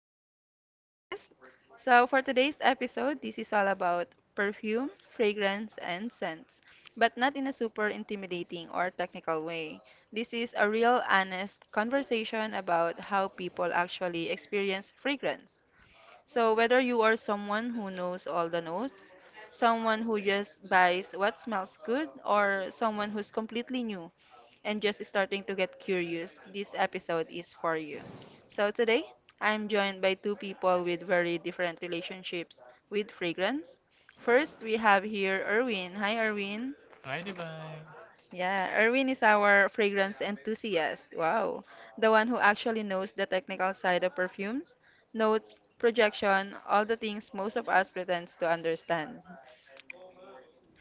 first ever podcast. So, for today's episode, this is all about perfume, fragrance, and scents, but not in a super intimidating or technical way. This is a real, honest conversation about how people actually experience fragrance. So, whether you are someone who knows all the notes, someone who just buys what smells good, or someone who's completely new and just starting to get curious, this episode is for you. So, today, I'm joined by two people with very different relationships with fragrance. First, we have here Erwin. Hi, Erwin. Hi, Divine. Yeah, Erwin is our fragrance enthusiast. Wow. The one who actually knows the technical side of perfumes, notes, projection, all the things most of us pretends to understand.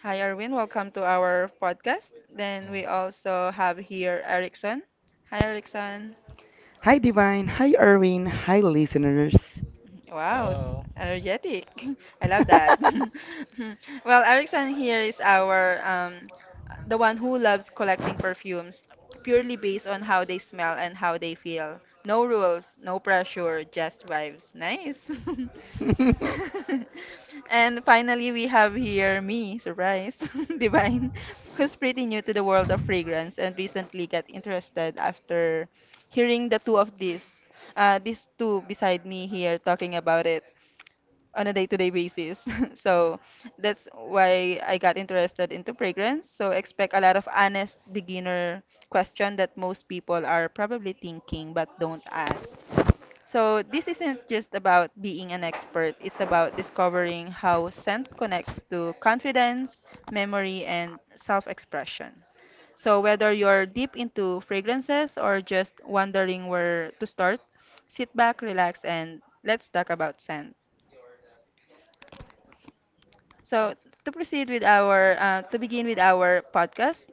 Hi, Erwin. Welcome to our podcast. Mm. Then we also have here Erickson. Hi, Erickson. Hi, Divine. Hi, Irwin. Hi, listeners. Wow, Hello. energetic. I love that. Well, Erickson here is our the one who loves collecting perfumes purely based on how they smell and how they feel. No rules, no pressure, just vibes. Nice. And finally, we have here me, surprise, Divine, who's pretty new to the world of fragrance and recently got interested after hearing the two of these, two beside me here talking about it on a day-to-day basis. So that's why I got interested into fragrance. So expect a lot of honest beginner question that most people are probably thinking but don't ask. So this isn't just about being an expert, it's about discovering how scent connects to confidence, memory, and self-expression. So whether you're deep into fragrances or just wondering where to start, sit back, relax, and let's talk about scent. So to begin with our podcast,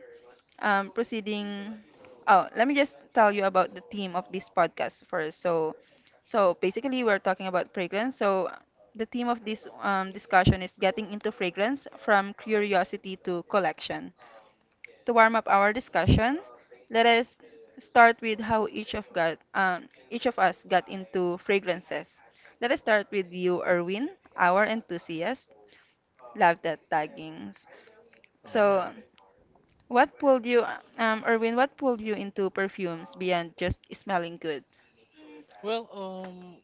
proceeding. Oh, let me just tell you about the theme of this podcast first. So basically, we're talking about fragrance. So, the theme of this discussion is getting into fragrance from curiosity to collection. To warm up our discussion, let us start with how each of us got into fragrances. Let us start with you, Erwin, our enthusiast. Love that taggings. Yeah. So, what pulled you, Erwin, what pulled you into perfumes beyond just smelling good? Well,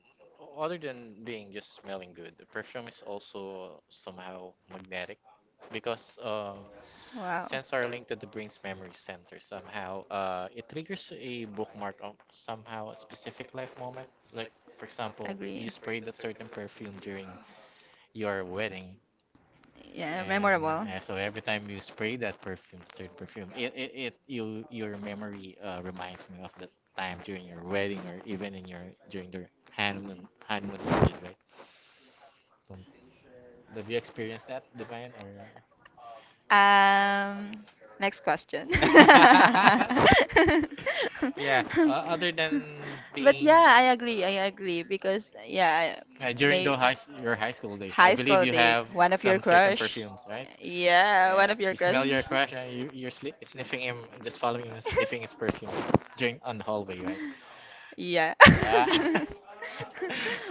other than being just smelling good, the perfume is also somehow magnetic because Wow. scents are linked to the brain's memory center. Somehow, it triggers a bookmark of somehow a specific life moment. Like, for example, you Agree. sprayed a certain perfume during your wedding, Yeah, And memorable. uh, so every time you spray that perfume, that certain perfume, it you your memory reminds me of the time during your wedding or even in your during the honeymoon period, right? Don't, did you experience that, Divine, or? Um, Next question. Yeah. Other than But being. yeah, I agree. I agree because yeah, I During may your high school days, I high believe school you days, have one of your some certain crush. perfumes, right? Yeah, one Yeah, of your you crush. smell your crush and you're sli sniffing him, and just following him and sniffing his perfume during on the hallway, right? Yeah. Yeah.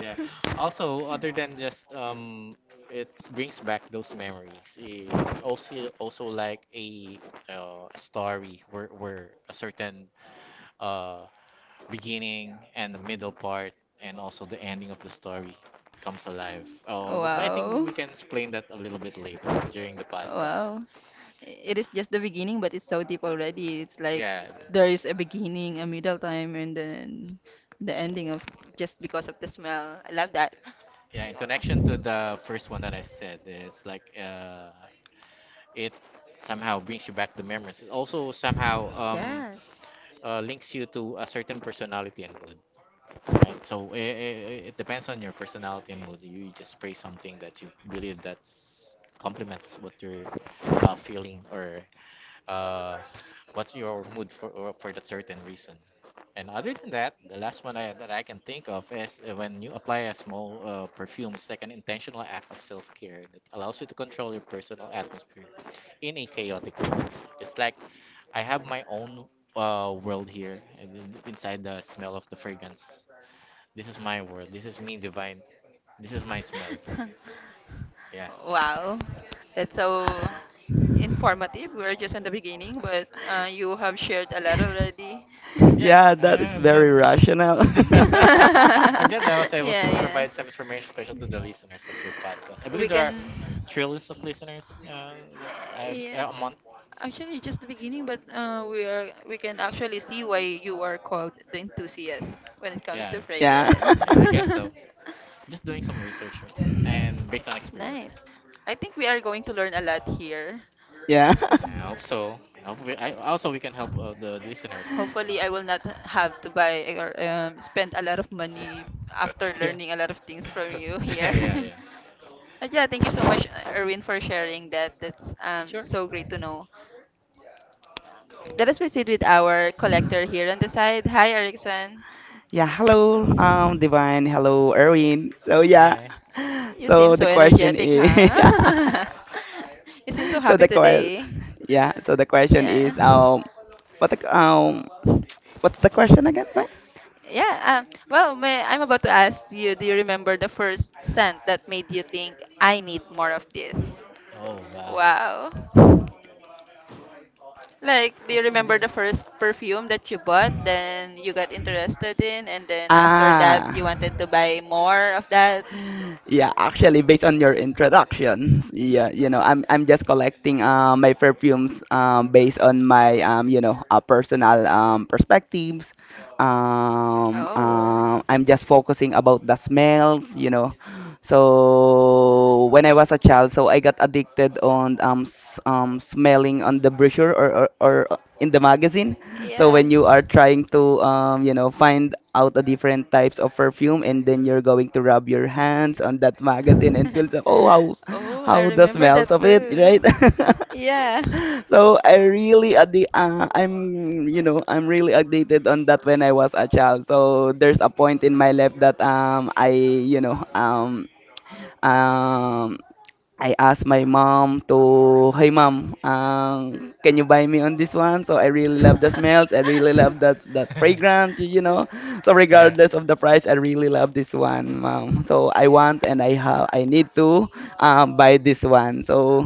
Yeah. Also, other than just it brings back those memories. It's also like a story where a certain uh beginning and the middle part and also the ending of the story comes alive. Oh, but I think we Wow. can explain that a little bit later during the podcast. Wow. It is just the beginning, but it's so deep already. It's like Yeah, there is a beginning, a middle time, and then the ending of just because of the smell. I love that. yeah. In connection to the first one that I said, it's like, it somehow brings you back the memories. It also somehow Yes. Links you to a certain personality and mood, right? So it depends on your personality and mood. You just pray something that you believe that's complements what you're feeling or Uh, what's your mood for that certain reason? And other than that, the last one that I can think of is when you apply a small perfume, it's like an intentional act of self-care that allows you to control your personal atmosphere in a chaotic world. It's like I have my own world here, and then inside the smell of the fragrance, this is my world. This is me, Divine. This is my smell. Smell. Yeah. Wow. That's so informative. We're just in the beginning, but you have shared a lot already. Yeah, Yeah, I, that is I'm glad. very rational. I'm glad I was Yeah, able to yeah. provide some information, special to the listeners of your podcast. I We believe there are can. trillions of listeners that I, Yeah. yeah, a month. Actually, just the beginning, but we can actually see why you are called the enthusiast when it comes Yeah, to Yeah. fragrance. yeah, I guess so. Just doing some research, right? And based on It's experience. nice. I think we are going to learn a lot here. Yeah. Yeah, I hope so. I hope we, I, also we can help the listeners. Hopefully, I will not have to buy or spend a lot of money Uh, after yeah. learning a lot of things from you here. Yeah, yeah. But yeah, thank you so much, Erwin, for sharing that. That's Sure. so great to know. Let us proceed with our collector here on the side. Hi, Erickson. Yeah, hello, Divine. Hello, Erwin. So yeah, Hi. You seem so the so question energetic, is, huh? You seem so so happy the question, today. yeah, so the question Yeah. is, what the, what's the question again, Vine? Yeah. Well, I'm about to ask you. Do you remember the first scent that made you think I need more of this? Oh, wow. Wow. Like, do you It's remember the- the first perfume that you bought, then you got interested in, and then after that, Ah. you wanted to buy more of that? Yeah, actually, based on your introduction, yeah, I'm just collecting my perfumes based on my personal perspectives, Oh, I'm just focusing about the smells, you know, so when I was a child, so I got addicted on smelling on the brochure or in the magazine. So yeah. when you are trying to, find out the different types of perfume, and then you're going to rub your hands on that magazine and feel like, oh, how Oh, I the remember smells that of it, too. right? Yeah. So I really I'm you know I'm really addicted on that when I was a child. So there's a point in my life that I, you know um um I asked my mom to, hey mom, can you buy me on this one? So I really love the smells. I really love that fragrance, you know. So Yeah. regardless of the price, I really love this one, mom. So I want, and I have, I need to, buy this one. So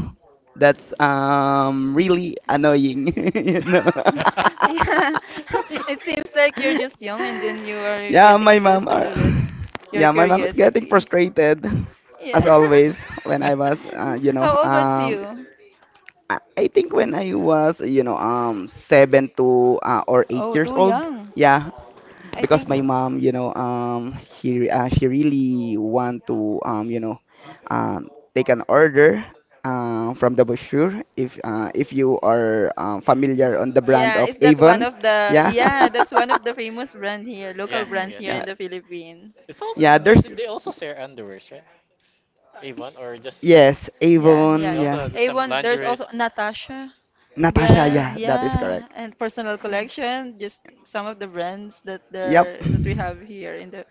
that's really annoying, you know. Yeah, it seems like you're just young and then you are Yeah, getting my mom interested are, already. Your yeah, my mom is getting curiosity. frustrated as Yeah. always when I was, How old was you? I think when I was, seven to or eight Oh, years too old, young. yeah, I because think. my mom, she, she really want to, take an order from the brochure. If, if you are familiar on the brand Yeah, of is that one Avon, of the yeah, yeah, that's one of the famous brand here. Yeah. Yeah, Local I brands here guess so. yeah, in the Philippines. It's also yeah. There's they also share underwears, right? Avon or just yes, Sense. Yeah, yeah, They Avon, yeah. yeah. also do some A1, there's also lingeries. Natasha. Natasha, Yeah. Brand, yeah, that is yeah, correct. and personal collection, just some of the brands that Yep. there that we have here in the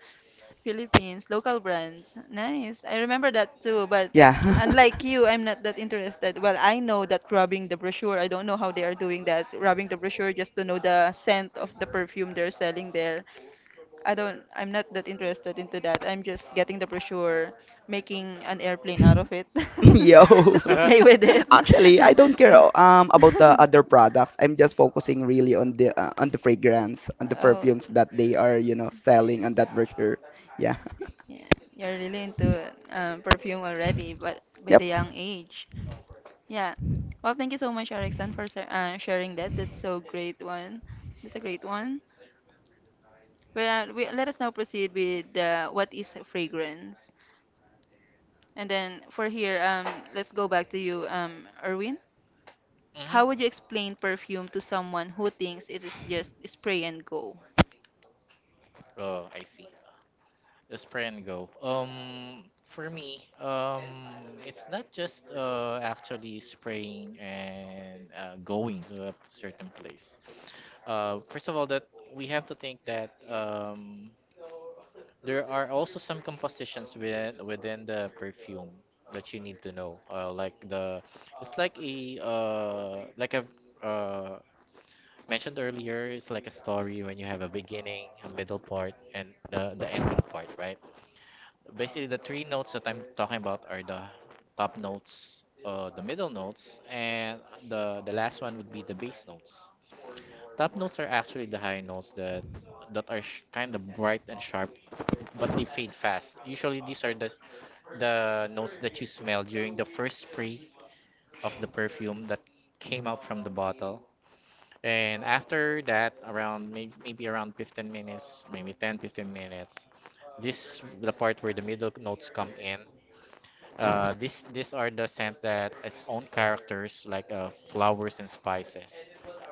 Philippines, local brands. Nice. I remember that too, but unlike you, I'm not that interested. Well, I know that rubbing the brochure, I don't know how they are doing that. Rubbing the brochure just to know the scent Yeah. of the perfume they're selling there. I don't, I'm not that interested into that. I'm just getting the brochure, making an airplane out of it, Yo. just to hmm play with it. Actually, I don't care about the other products. I'm just focusing really on the fragrance, on the Oh. perfumes that they are, you know, selling on that brochure. Yeah. Yeah, you're really into perfume already, but by the Yep. young age. Yeah. Well, thank you so much, Erickson, for sharing that. That's so great one. That's a great one. Well, let us now proceed with what is fragrance. And then for here, let's go back to you, Erwin. How would you explain perfume to someone who thinks it is just spray and go? Oh, I see. The spray and go. For me, it's not just actually spraying and going to a certain place. First of all, that we have to think that there are also some compositions within the perfume that you need to know. Like I've uh, mentioned earlier, it's like a story when you have a beginning, a middle part, and the ending part, right? Basically, the three notes that I'm talking about are the top notes, the middle notes, and the last one would be the bass notes. Top notes are actually the high notes that are kind of bright and sharp, but they fade fast. Usually, these are the notes that you smell during the first spray of the perfume that came out from the bottle. And after that, around maybe around 15 minutes, maybe 10 15 minutes, this the part where the middle notes come in, these are the scent that its own characters like flowers and spices.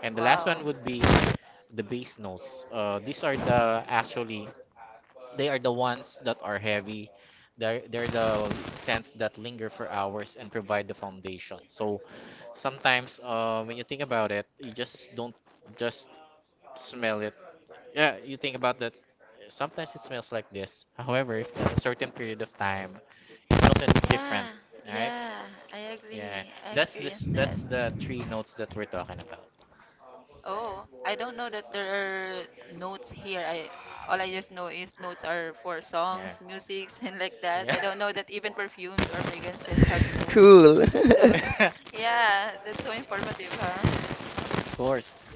And the last one Wow. would be the base notes. These are the actually they are the ones that are heavy. They're the scents that linger for hours and provide the foundation. So sometimes when you think about it, you just don't just smell it. Yeah, you think about that. Sometimes it smells like this. However, if at a certain period of time, it smells different, Yeah, right? yeah, I agree. Yeah, I that's this. experienced that. That's the three notes that we're talking about. Oh, I don't know that there are notes here. I all I just know is notes are for Yeah, songs, musics, and like that. yeah. I don't know that even perfumes or fragrances have notes Cool. too. Yeah, that's so informative, huh? Of course,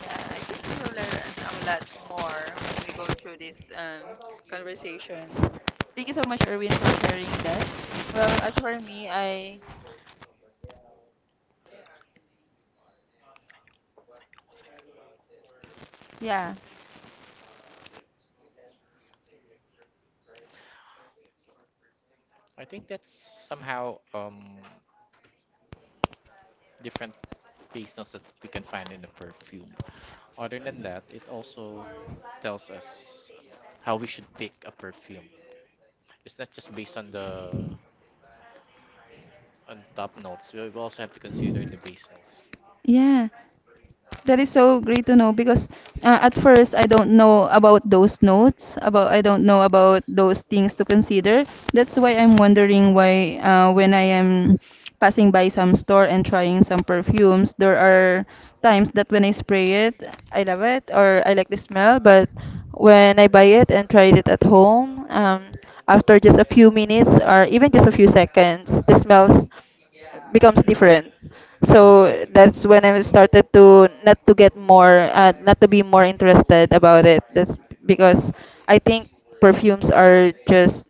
Yeah, I think we will learn a lot more when we go through this conversation. Thank you so much, Erwin, sure. for sharing that. Well, as for me, I, yeah. I think that's somehow different taste notes that we can find in a perfume. Other than that, it also tells us how we should pick a perfume. It's not just based on the on top notes. We also have to consider the base notes. Yeah. That is so great to know because at first I don't know about those notes, about I don't know about those things to consider. That's why I'm wondering why when I am passing by some store and trying some perfumes, there are times that when I spray it, I love it or I like the smell, but when I buy it and tried it at home, after just a few minutes or even just a few seconds, the smells becomes different. Yeah, So got it. that's when I started to not to get more, not to be more interested about it. That's because I think perfumes are just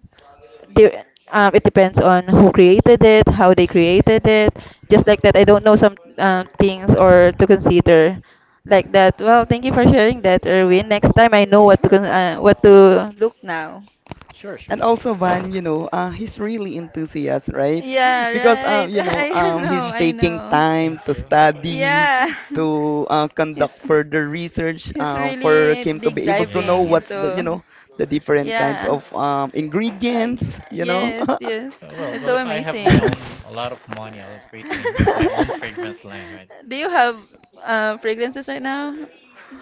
de- it depends on who created it, how they created it. Just like that, I don't know some things or to consider like that. Well, thank you for sharing that, Erwin. Next time I know what to Sure, what to look now. sure, sure. And also Van, you know, he's really enthusiastic, right? Yeah, Because, right. I know, he's I taking know. time Thank to you. study, Yeah. to, conduct He's further research, he's for really him to deep be able to Yeah. know diving what's the, you into know, the different kinds yeah. of I g ingredients, you know. Yes, yes. Uh, Well, That's well, so if I have my amazing. own a lot of money, I'll create my own fragrance line, right? Do you have fragrances right now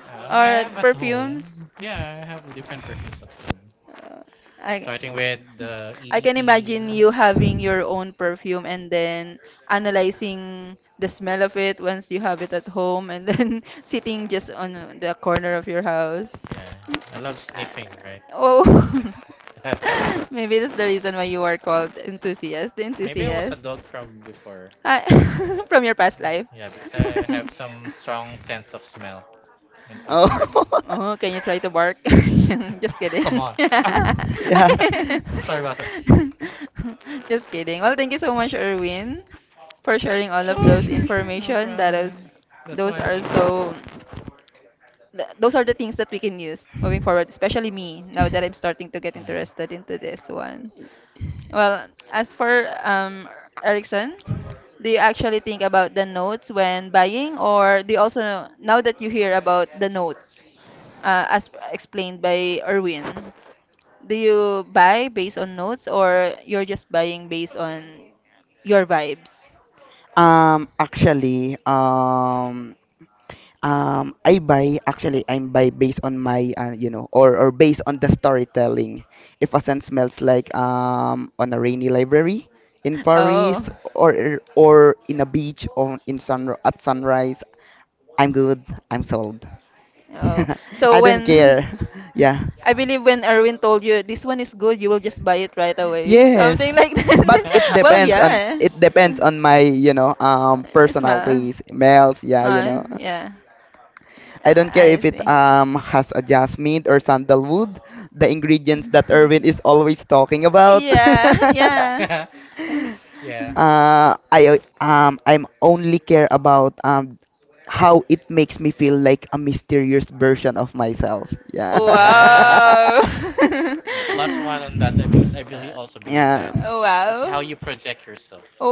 I or have at perfumes? home. Yeah, I have different perfumes at home. Uh, I Starting with the I can EDT. imagine you having your own perfume and then analyzing the smell of it once you have it at home and then sitting just on the corner of your house. Yeah, I I love love sniffing, sleeping, right? right? Oh, maybe that's the reason why you are called enthusiast, the. Maybe I was a Maybe I was a enthusiast dog dog from from before. before. Ah, from your past life. Yeah, Yeah, because because I I have have some some strong strong sense sense of of smell smell. when it comes to Smells great. perfume. Oh. Oh, can you try to bark? Just kidding. Come Come on. on. Arr! Yeah. Sorry Sorry about about that. that. Just kidding. Well, thank you so much, Erwin, for sharing all of Sure, those sure, sure, no information. That is, problem. That's why those I'm are eating. so those are the things that we can use moving forward, especially me, now that I'm starting to get interested into this one. Well, as for Ericsson, do you actually think about the notes when buying, or do you also, now that you hear about the notes, as explained by Erwin, do you buy based on notes, or you're just buying based on your vibes? Actually, I buy, actually I'm buy based on my, or based on the storytelling. If a scent smells like, on a rainy library in Oh. Paris, or in a beach or in sun at sunrise, I'm good. I'm sold. Oh, I so don't when care. Yeah. I believe when Erwin told you this one is good, you will just buy it right away, Yes. something like But it that. Well, depends on, yeah, it depends on my, it's personal ma. taste, smells. Yeah, you know. Oh, yeah, I don't care I if it, see. Has a jasmine or sandalwood, the ingredients that Erwin is always talking about. Yeah, yeah. Mm. Yeah. I, I'm only care about how it makes me feel like a mysterious version of myself. Yeah. Yeah. Wow. Plus one on that because I believe also believe Yeah. that how it's how Wow. you project yourself When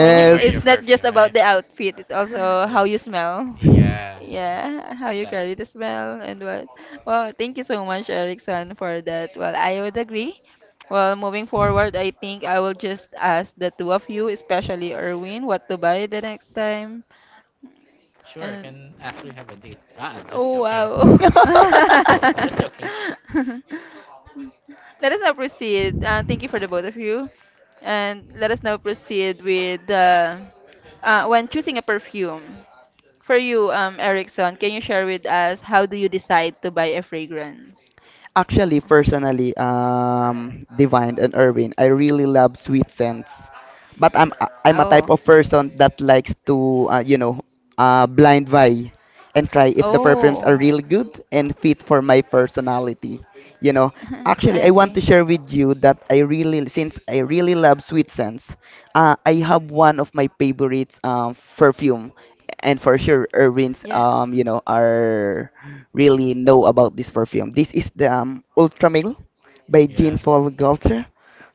when you you wear your It's your not just perfume, perfume. About right? the outfit, it's also Uh, how you smell. Yeah. It's, Yeah, how it's you that. carry the smell and what. Well, thank you so much, Erickson, for that. Well, I would agree. Well, moving forward, I think I will just ask the two of you, especially Erwin, what to buy the next time. Sure, I And can actually have a date. Ah, I'm just oh joking. wow. Just joking. Let us now proceed. Thank you for the both of you. And let us now proceed with when choosing a perfume. For you, Erickson, can you share with us how do you decide to buy a fragrance? Actually, personally, Divine and Irwin, I really love sweet scents, but I'm a type Oh. of person that likes to, blind buy and try if the perfumes Oh. are really good and fit for my personality. You know, actually, I I want to see. share with you that I really, since I really love sweet scents, I have one of my favorites perfume, and for sure, Irwin's, Yeah. You know, are really know about this perfume. This is the, Ultramil by Yeah. Jean Paul Gaultier.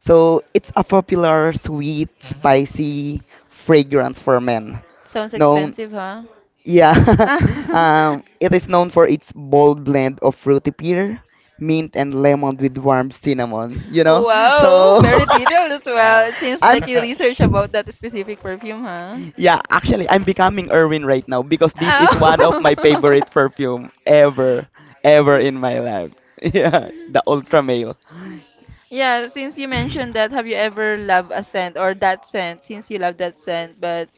So it's a popular, sweet, hmm spicy fragrance for men. Sounds Known, expensive, huh? yeah, it is known for its bold blend of fruity pear, mint, and lemon with warm cinnamon. You know, Wow, so very detailed as well. Wow. It seems I'm like you research about that specific perfume, huh? yeah, actually, I'm becoming Irwin right now because this is one of my Oh. favorite perfume ever, ever in my life. Yeah, the Ultra Male. Yeah, since you mentioned that, have you ever loved a scent or that scent since you love that scent, but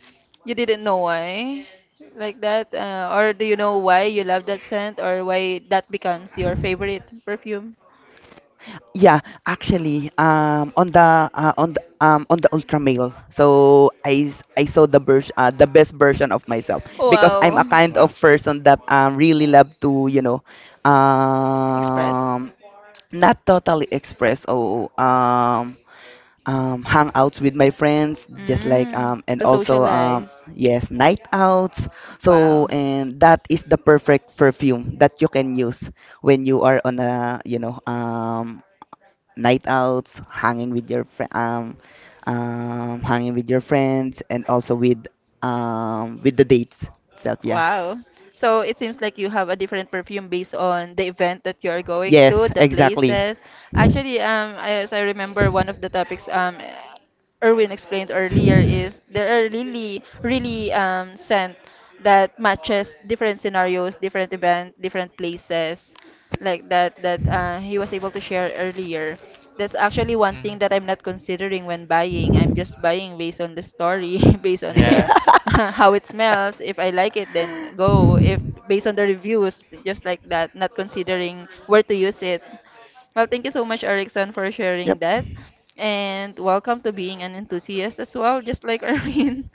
you didn't know why? Like that? Or do you know why you love that scent or why that becomes your favorite perfume? Yeah, actually, on the, on the on the Ultra Male, so I saw the version the best version of myself because I'm a Wow. kind of Wow. person that really love to, Express. um, not totally express or hangouts with my friends, just like Mm, and to also socialize. yes, night outs. So Wow. and that is the perfect perfume that you can use when you are on a, night outs, hanging with your fri hanging with your friends, and also with the dates itself. Yeah. Wow. So it seems like you have a different perfume based on the event that you are going to, Yes, the exactly. places. Actually, as I remember, one of the topics Erwin explained earlier is there are really, really scent that matches different scenarios, different event, different places, like that that he was able to share earlier. That's actually one thing hmm that I'm not considering when buying. I'm just buying based on the story, based on Yeah. the how it smells. If I like it, then go. If based on the reviews, just like that, not considering where to use it. Well, thank you so much, Erickson, for sharing Yep. that. And welcome to being an enthusiast as well, just like Erwin.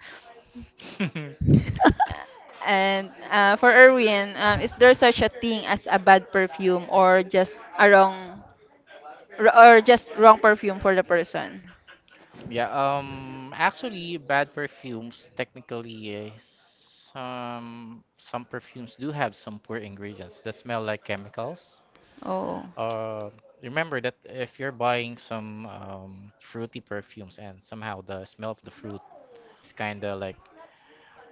And For Erwin, is there such a thing as a bad perfume or just a wrong, or just wrong perfume for the person? Yeah, actually, bad perfumes technically is some perfumes do have some poor ingredients that smell like chemicals. Oh. Uh, Remember that if you're buying some fruity perfumes and somehow the smell of the fruit is kind of like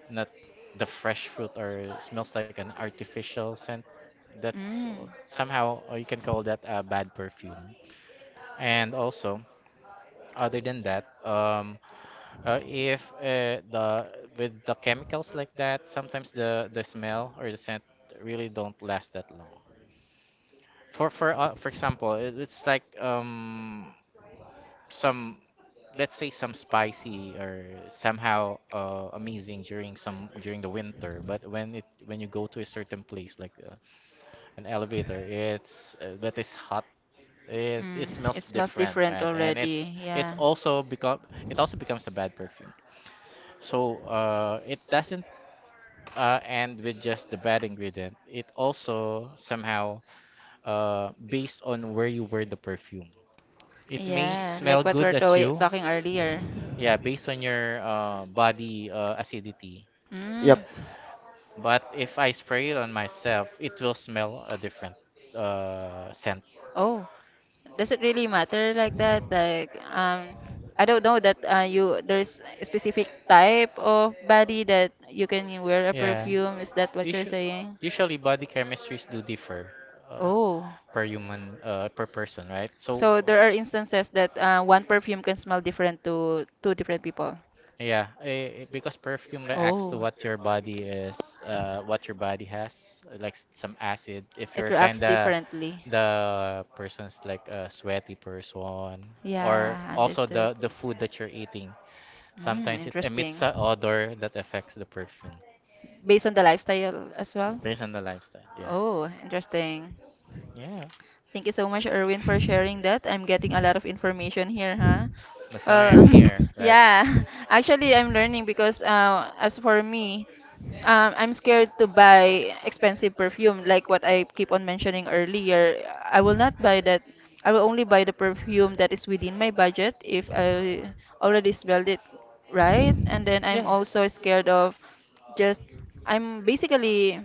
not the fresh fruit or smells like an artificial scent, that's Mm. somehow you can call that a bad perfume. And also, other than that, if the with the chemicals like that, sometimes the smell or the scent really don't last that long. For example, it's like some, let's say, some spicy or somehow amazing during the winter, but when you go to a certain place like an elevator, it's that is hot. It Mm. it It smells smells different, different right? And already. it's Yeah. also become it also becomes a bad perfume. So it doesn't and with just the bad ingredient, it also somehow based on where you wear the perfume. It may Yeah, smell like what good at you, talking earlier. yeah, based on your body acidity. Uh, Mm. but if I spray it on myself, it will smell a different scent. Oh, does it really matter like that? I don't know that you there's a specific type of body that you can wear a Yeah. perfume. Is that what you're Usually, saying? usually, body chemistries do differ uh, Oh. per human, per person, right? So So there are instances that one perfume can smell different to two different people. yeah, because perfume reacts to Oh. what your body is, what your body has, like some acid. If It you're reacts kinda differently. the person's like a sweaty person, or Yeah, also understood. the food that you're eating, Mm, sometimes it emits interesting. a odor that affects the perfume Based on the lifestyle as well? based on the lifestyle. Yeah, Oh, interesting. yeah, Thank you so much, Erwin, for sharing that. I'm getting a lot of information here, huh? that's why I'm Well, here, right? yeah. Actually, I'm learning because as for me, I'm scared to buy expensive perfume, like what I keep on mentioning earlier. I will not buy that. I will only buy the perfume that is within my budget if I already smelled it right. And then I'm Yeah, also scared of just, I'm basically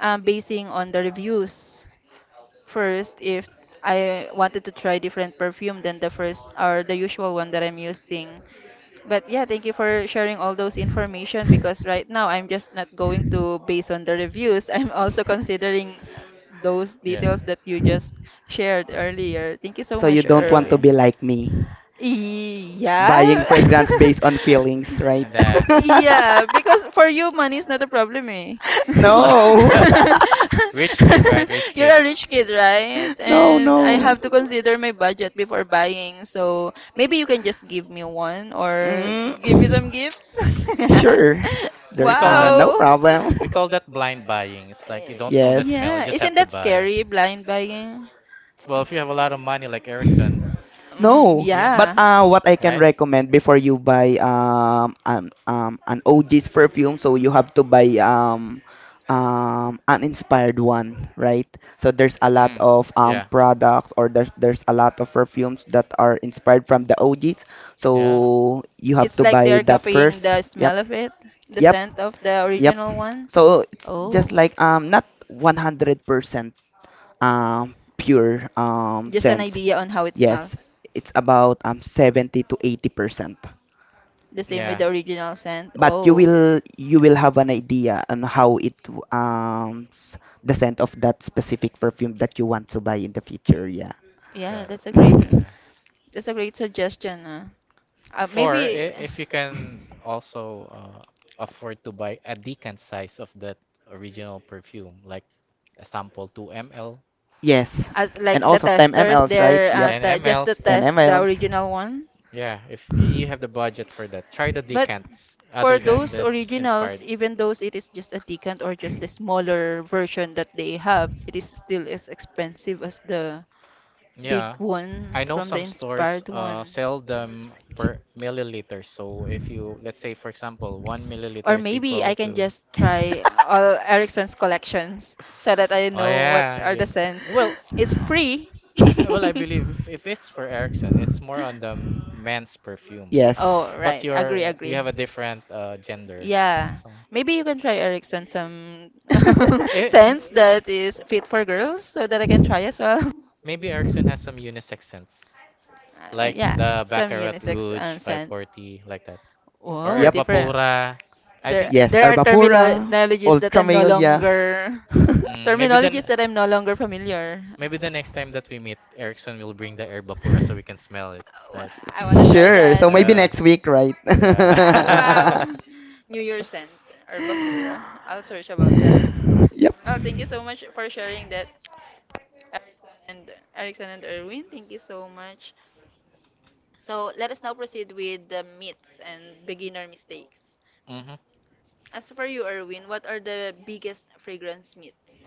basing on the reviews. First, if I wanted to try different perfume than the first or the usual one that I'm using. But yeah, thank you for sharing all those information because right now I'm just not going to base on the Yep. reviews. I'm also considering those yeah, details that you just shared earlier. Thank you so So you much, don't want to yeah. Erwin. be like me, buying Yeah. fragrance based on feelings, right? And Yeah, because for you, money is not a problem, eh? No. rich kid, right? Rich You're kid. a rich kid, right? No, And I no. have to consider my budget before buying. So maybe you can just give me one or Mm, give me some gifts. sure. We There, call that no Wow. problem. we call that blind buying. It's like you don't know the Yes. smell, you Yeah, just isn't have to that buy. scary, blind buying? Well, if you have a lot of money like Ericsson, Mm, No, yeah, but, yeah. What I can right? recommend before you buy an OG's perfume, so you have to buy an inspired one, right? So there's a lot Mm, of yeah, products or there's a lot of perfumes that are inspired from the OG's, yeah, so you have It's to like they're buy that copying first. the Yep, smell of it, the yep, scent of the yep. original one. So it's just Oh, like not 100%, pure just an scent. idea on how it Yes, smells. it's about 70 to 80 percent. The same with yeah. the original scent. But you Oh, will, you will have an idea on how the scent of that specific perfume that you want to buy in the future. Yeah. yeah, Got it. Yeah. that's a great suggestion. Or Maybe if you can also afford to buy a decant size of that original perfume, like a sample 2 ml, Yes, as like and the also 10 testers, mls, right? they're Yep, 10 just to mls. 10 test the mls. original one. Yeah, if you have the budget for that, try the But decants for other than those this originals, inspired. even those it is just a decant or just the smaller version that they have, it is still as expensive as the big Yeah, one I know from the some stores inspired one. Sell them per milliliter. So if you, let's say for example, one Or milliliter is maybe I equal can to, just try all Erickson's collections so that I oh know what yeah, I are the guess. cents. Well, It's uh, free. Well, I believe if it's for Ericsson, it's more on the men's perfume. Yes. Oh, since But right. Agree, you agree. have a different gender. Yeah. So Maybe you can try Ericsson some yeah, Eh, m- scents eh, that is fit for girls so that I can try as well. maybe Ericsson has some unisex scents. Like yeah, the some Baccarat unisex Rouge scents. Five 540 that. like that. Or Or whoa, or Yep. different. I Herbapura. I There, think Yes. there are Arbapura, terminologies that I'm no Ultramalia. longer, you mm, maybe then terminologies that I'm no longer familiar. maybe the next time that we meet, Ericsson will bring the Herbapura so we can smell it, Oh, right? I wanna try Sure. that. So maybe Yeah. next week, right? Yeah. Wow. New Year scent or Bapura. I'll search about that. Yep. Well, thank you so much for sharing that. And Erickson and Erwin, thank you so much. So let us now proceed with the myths and beginner mistakes. Mm-hmm. As for you, Erwin, what are the biggest fragrance myths?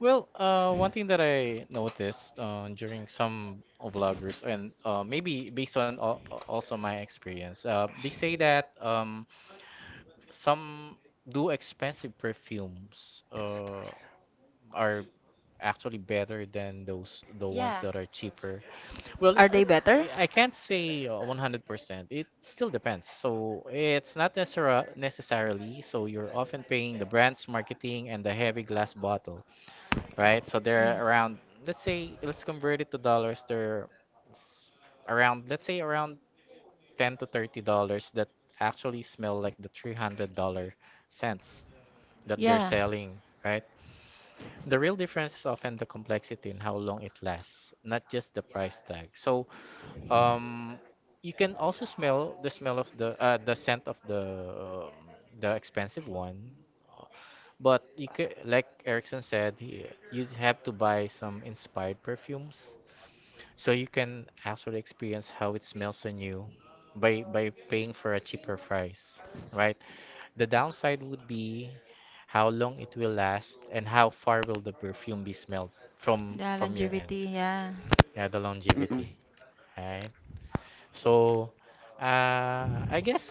Well, one thing that I noticed during some vloggers, and maybe based on also my experience, they say that some do expensive perfumes are actually better than those the ones Yeah. that are cheaper. Well, Are they uh, better? I can't say 100%. It still depends. So it's not necessarily. So you're often paying the brand's marketing and the heavy glass bottle, right? So they're around, let's say, let's convert it to dollars. They're s- around, let's say, around 10 to $30 that actually smell like the $300 cents that they're Yeah. Yeah. selling, right? The real difference is often the complexity and how long it lasts, not just the price tag. So um, you can also smell the smell of the scent of the expensive one. Uh, but you could, like Erickson said, you have to buy some inspired perfumes, so you can actually experience how it smells on you by paying for a cheaper price, right? The downside would be how long it will last and how far will the perfume be smelled from The from your end. longevity, yeah. Yeah, the Mm-mm. longevity, right? So I guess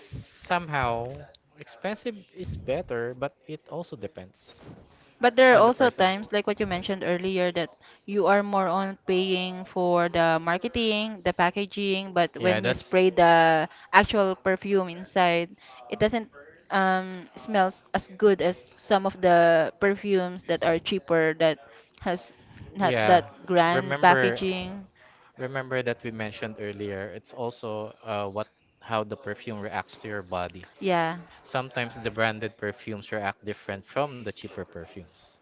somehow expensive is better, but it also depends But there are on the also person. times, like what you mentioned earlier, that you are more on paying for the marketing, the packaging, but Yeah, when you that's spray the actual perfume inside, it doesn't smells as good as some of the perfumes that are cheaper that has not yeah. that grand Remember, packaging. Remember that we mentioned earlier, it's also what how the perfume reacts to your body. Yeah. Sometimes the branded perfumes react different from the cheaper perfumes.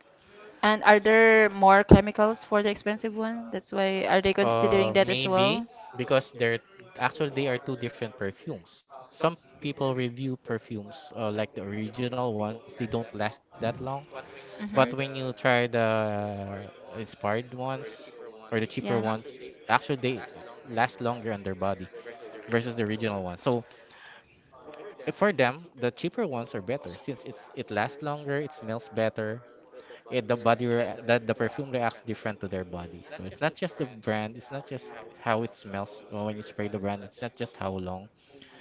And are there more chemicals for the expensive one? That's why are they considering that as well? Maybe because they are two different perfumes. Some people review perfumes, like the original ones; they don't last that long. But when you Mm-hmm. try the inspired ones or the cheaper ones, Yeah. actually they last longer on their body versus the original ones. So if for them, the cheaper ones are better since it lasts longer, it smells better, it, the body rea- the perfume reacts different to their body. So it's not just the brand, it's not just how it smells, when you spray the brand, it's not just how long,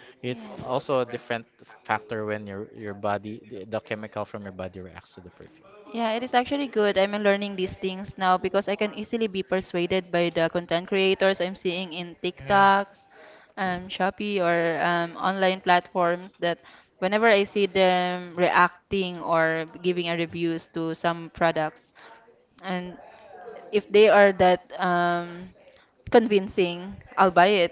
it's also a Yeah. different factor when your body, the chemical from your body reacts to the perfume. Yeah, it is actually good. I'm learning these things now because I can easily be persuaded by the content creators I'm seeing in Yeah. TikToks, Shopee, or online platforms that whenever I see them reacting or giving a reviews to some products, and if they are that convincing, I'll buy it.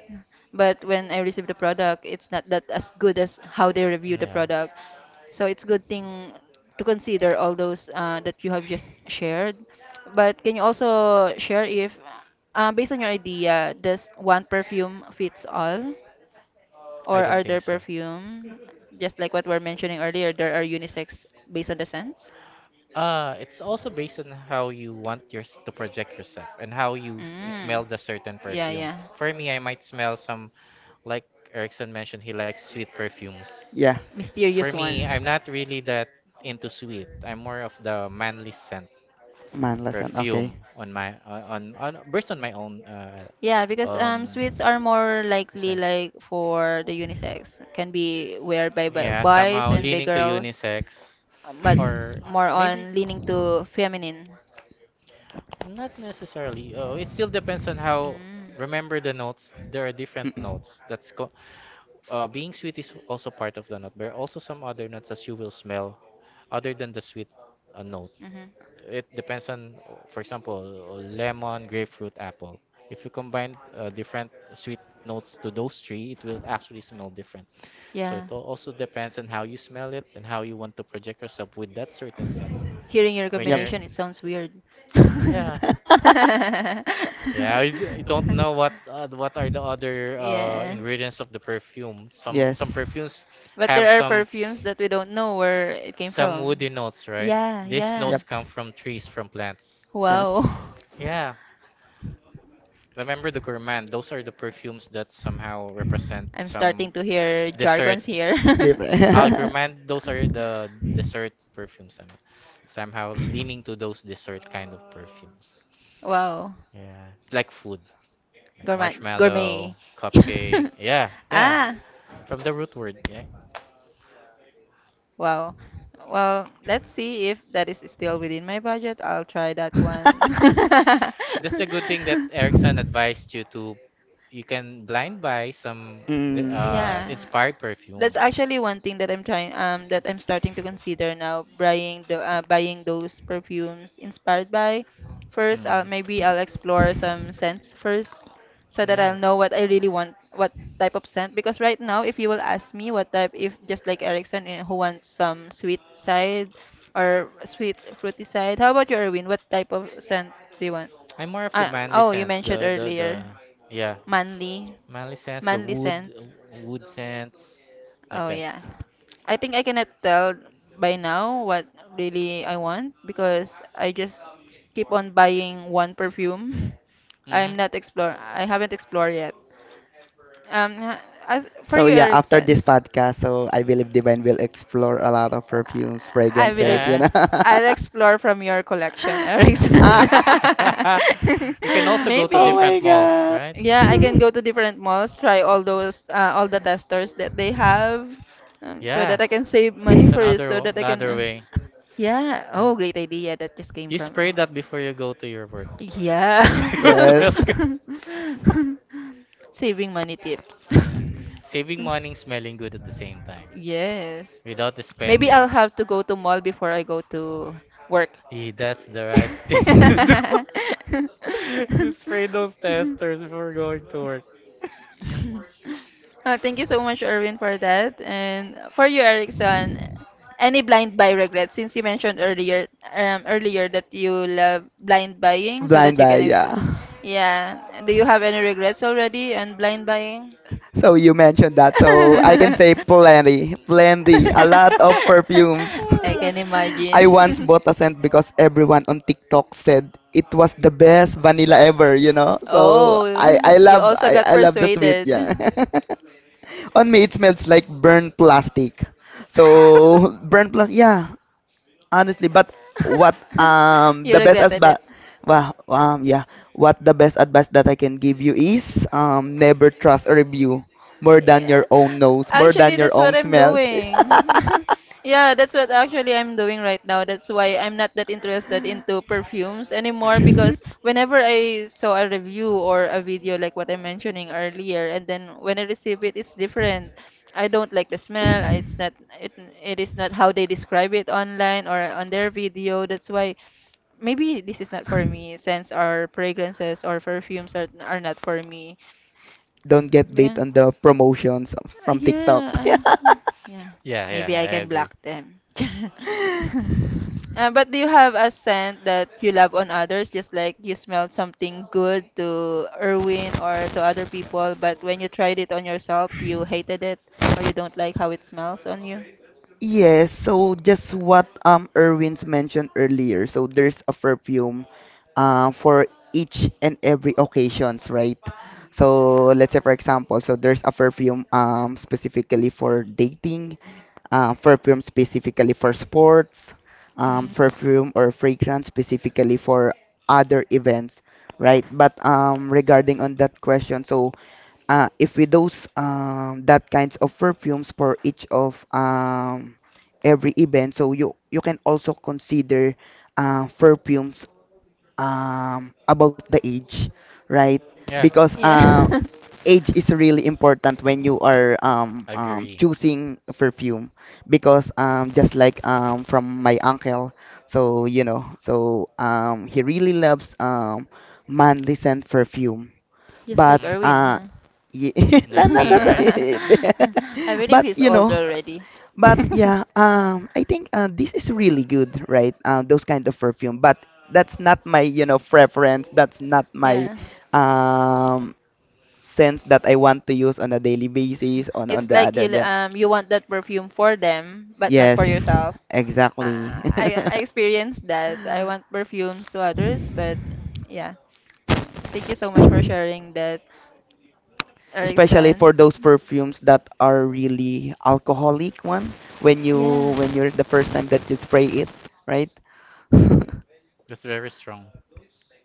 But when I receive the product, it's not that as good as how they review the Yeah. product. So it's good thing to consider all those that you have just shared. But can you also share if, based on your idea, does one perfume fits all, I or are don't there think so. perfume, just like what we are mentioning earlier, there are unisex based on the scents? It's also based on how you want yours to project yourself and how you Mm. smell the certain Yeah, perfume. yeah. For me, I might smell some. Like Erickson mentioned, he likes sweet perfumes. Yeah, For Mysterious me, one. I'm not really that into sweet. I'm more of the manly scent man lesson. Okay. perfume on my on based on my own Yeah, because um sweets are more likely experience. like for the unisex. Can be wear by Yeah, boys somehow and by leaning to girls. unisex But or more maybe on leaning to feminine. not necessarily. Oh, it still depends on how, Mm. remember, the notes. There are different Mm-mm. notes. Being sweet is also part of the nut. There are also some other nuts that you will smell other than the sweet note. Mm-hmm. It depends on, for example, lemon, grapefruit, apple. If you combine different sweet notes to those three, it will actually smell different. So it Yeah. also depends on how you smell it and how you want to project yourself with that certain scent. Hearing your When Yep. you're, combination, it sounds weird. yeah, yeah. I don't know what uh, what are the other Yeah. ingredients of the perfume. Some Yes. perfumes But have there are some. perfumes that we don't know where it came Some from. woody notes, right? Yeah, These yeah. notes Yep. come from trees, from plants. Yes. Wow. Yeah, remember the gourmand? Those are the perfumes that somehow represent I'm some starting to hear dessert. jargons here. Ah, Different. gourmand, those are the dessert perfumes. Somehow leaning to those dessert kind of perfumes. Wow. Yeah, it's like food, like Gourmet, gourmet. marshmallow, cupcake. Yeah, yeah, Ah, from the root word. Yeah, wow. Well, let's see if that is still within my budget. I'll try that one. that's a good thing that Erickson advised you to you can blind buy some Mm. Yeah. inspired perfume. That's actually one thing that I'm trying that I'm starting to consider now buying the buying those perfumes inspired by. First, I'll Mm. maybe I'll explore some scents first so that Yeah. I'll know what I really want, what type of scent because right now if you will ask me what type if just like Erickson eh, who wants some sweet side or sweet fruity side. How about you, Erwin? What type of scent do you want? I'm more of the Ah, manly oh, you scents, mentioned the earlier. yeah, Manly, manly scents, the manly wood sense. wood scents like Oh that. yeah. I think I cannot tell by now what really I want because I just keep on buying one perfume. Mhm. I'm not explore. I haven't explored yet. Um, ha- as for So you, yeah, after this Erickson, podcast, so I believe Divine will explore a lot of perfumes, I believe fragrances, you Yeah. know. I'll explore from your collection, Erickson. You can also go to Oh Maybe. my different malls, god. right? Yeah, I can go to different malls, try all those all the testers that they have, so Yeah, that I can save money it's first, another so w- that I can. another way. Yeah. Oh, Huh. great idea that just came You from. spray that before you go to your work, Yeah. so you will Yes. smell good. Saving money tips. Yeah, saving money, and smelling good at the same time, Yes. without Maybe spending. I'll have to go to mall before I go to work. That's the right thing to do. You spray those testers before going to work. Oh, thank you so much, Erwin, for that. And for you, Erickson, any blind buy regrets? Since you mentioned earlier that you love blind buying, so that Blind you Buy, can, yeah. yeah. Do you have any regrets already on blind buying? So you mentioned that, so I can say plenty, plenty, a lot of perfumes. I can I once imagine. bought a scent because everyone on TikTok said it was the best vanilla ever, you know. So Oh, you also got I love the sweet, persuaded. yeah. On me it smells like burnt plastic. So burnt plastic, yeah. Honestly, but what, You the best as regretted it. but well, yeah, what the best advice that I can give you is, never trust a review more than Yeah. your own nose, more Actually, than your that's own what I'm smells. doing. Yeah, that's what actually I'm doing right now. That's why I'm not that interested into perfumes anymore because whenever I saw a review or a video like what I'm mentioning earlier, and then when I receive it, it's different. I don't like the smell. It's not it, it is not how they describe it online or on their video. That's why maybe this is not for me since our fragrances or perfumes are not for me. Don't get bait Yeah. on the promotions from TikTok. Yeah. Yeah. Yeah, yeah, Maybe I I can agree. block them. But do you have a scent that you love on others, just like you smell something good to Erwin or to other people, but when you tried it on yourself, you hated it or you don't like how it smells on you? Yes, so just what Erwin's mentioned earlier. So there's a perfume, for each and every occasions, right? So let's say for example, so there's a perfume specifically for dating, perfume specifically for sports, Mm, Hmm. perfume or fragrance specifically for other events, right? But regarding on that question, so, if we dose that kinds of perfumes for each of every event, so you can also consider, perfumes about the age, right? yeah, Because, Yeah, age is really important when you are, agree. choosing a perfume. Because, just like, from my uncle, so you know, so he really loves manly scent perfume. just like hmm But, Erwin, huh? yeah, no, Like no, me, not, right? I believe but he's you old know. already. But yeah, I think, this is really good, right? Those kind of perfume. But that's not my, you know, preference. That's not my, Yeah, um, sense that I want to use on a daily basis. On it's the like you other that. Want that perfume for them, but not for Yes, yourself. exactly. I experienced that. I want perfumes to others, but yeah. Thank you so much for sharing that, Especially for Erickson. those perfumes that are really alcoholic one when Yeah, you're the first Mm, time that you spray it, right? that's very strong.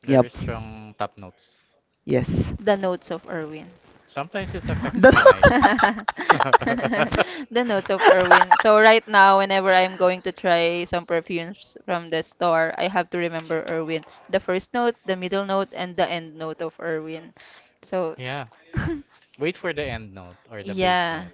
Very Yep. strong top notes. Yes. the notes of Erwin. Sometimes it affects The my eyes. The notes of Erwin. So right now, whenever I'm going to try some perfumes from the store, I have to remember Erwin. The first note, the middle note, and the end note of Erwin. So. Yeah. Wait for the end note or the bass Yeah. note.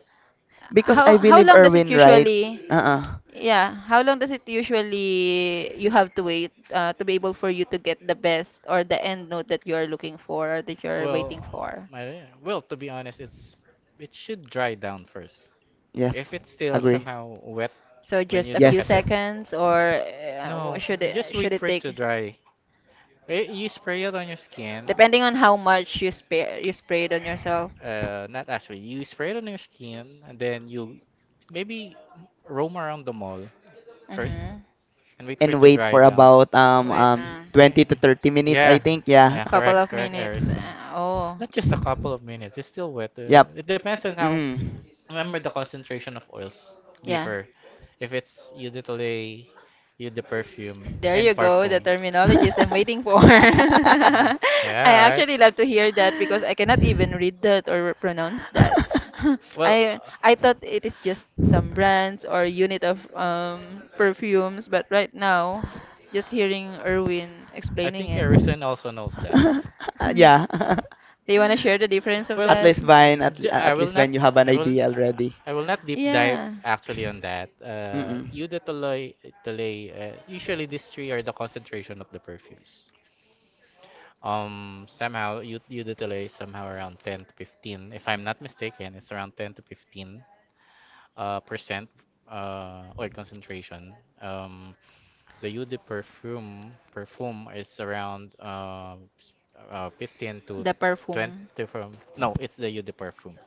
because That's I How believe long does it Erwin, right? usually? Uh-uh. Yeah, how long does it usually you have to wait to be able for you to get the best or the end note that you are looking for or that you're waiting Well, for? my well, to be honest, it should dry down first. Yeah. If it's still Yeah. Agree. somehow wet So when just you a look Yes. few at it, seconds or no, just wait should it for it to take? dry. You spray it on your skin. Depending on how much you sprayed on yourself. Not actually. You spray it on your skin, and then you maybe roam around the mall first Mm-hmm. and wait for it And to wait dry for down. about Wait now. 20 to Eh, 30 minutes, I Yeah, think. Yeah. yeah, Couple correct, of correct, minutes. Erickson. Oh. Not just a couple of minutes. It's still wet. Yep. It depends on how. Mm. Remember, the concentration of oils Yeah. differ. If it's you de Tolay, you de perfume, There and you go, the parfum. terminologies I'm waiting for. Uh, I Yeah, right. actually love to hear that because I cannot even read that or pronounce that. Well, I uh, I thought it is just some brands or unit of perfumes, but right now, just hearing Erwin I explaining think it. Erison also knows that. Yeah. Do you want to share the difference of At Well, that? least Vine, j- I at will least not Vine, you have an I will idea already. I will not deep dive Yeah, actually on that. Mm-mm. Eau de Toloy, Toloy, usually these three are the concentration of the perfumes. Somehow Eau de Toloy is somehow around 10 to 15, if I'm not mistaken, it's around 10 to 15 percent oil concentration. Um, the Eau de perfume is around 15 to the 20, perfume. from, no, it's the Eau de perfume.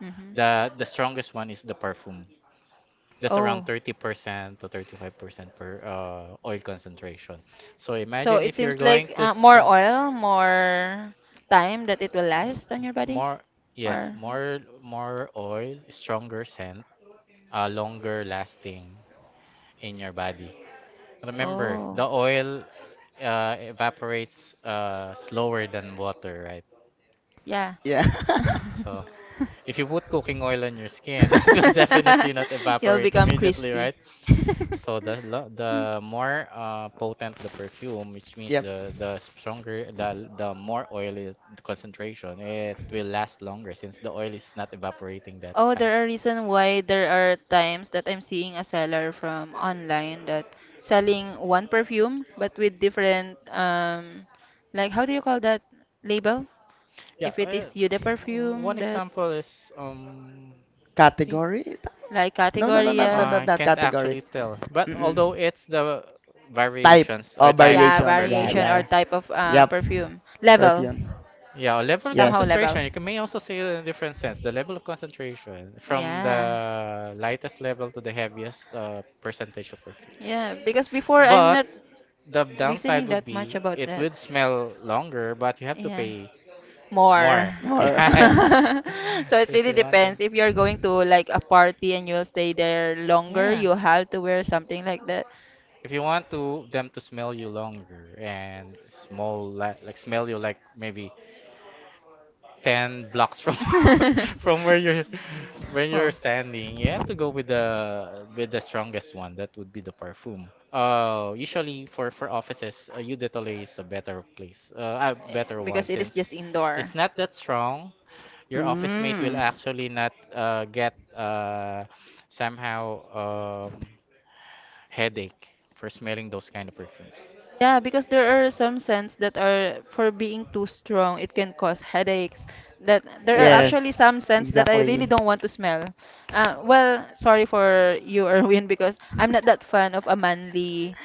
hmm The strongest one is the perfume. That's Oh. around 30% to 35% per oil concentration. So So imagine it if you're seems going like to more oil, more time that it will last on your body? more, yes, Or, more oil, stronger scent, longer lasting in your body. Remember, oh, the oil evaporates slower than water, right? yeah. Yeah. So if you put cooking oil on your skin, that will definitely not You'll evaporate become immediately, crispy. right? So the more potent the perfume, which means Yep. the stronger, the more oily concentration, it will last longer since the oil is not evaporating that Oh, fast. there are reason why there are times that I'm seeing a seller from online that selling one perfume but with different like how do you call that label? Yeah, If it is Yude perfume one that example is, I think Category? Is that? like No, no, no, category, not yeah. I that can't category. actually tell, but Mm-mm. although it's the Type variations or or Yeah, types of variation. Yeah, variation perfume. or yeah. type of Yep. perfume. Level. Perfume. Yeah, a level of Somehow Yes. level. concentration. You can may also say it in a different sense. The level of concentration from Yeah. the lightest level to the heaviest percentage of perfume. Yeah, because before I'm But not the downside listening would that much be about it that. would smell longer, but you have to Yeah, pay more. more. More. Yeah, So it if really you want to. depends. If you're going to like a party and you'll stay there longer, Yeah, you have to wear something like that. if you want to them to smell you longer and small like smell you like maybe 10 blocks from from where you're, when you're Wow. standing, you have to go with the strongest one. That would be the perfume. Usually for offices, Eau de Toilette is a better place, a better one Because it is since just it's indoor. not that strong. Your office mate will Mm. actually not get somehow um headache for smelling those kind of perfumes. Yeah, because there are some scents that are for being too strong, it can cause headaches. That there are Got it. Yes. actually some scents that I really Exactly. don't want to smell. Well, sorry for you, Erwin, because I'm not that fan of a manly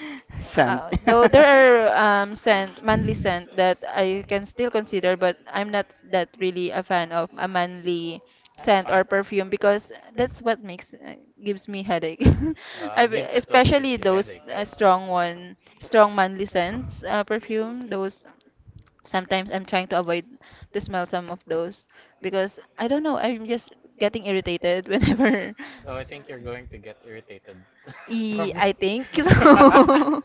Sand. Though there are scent, manly scent that I can still consider, but I'm not that really a fan of a manly That's scent or fine. perfume because that's what makes gives me headache. I, Give that what especially gives you those headache, right? strong one, strong manly scents, perfume, those sometimes I'm trying to avoid to smell some of those because I don't know, I'm just getting irritated whenever So I think you're going to get irritated E, from me. I think so.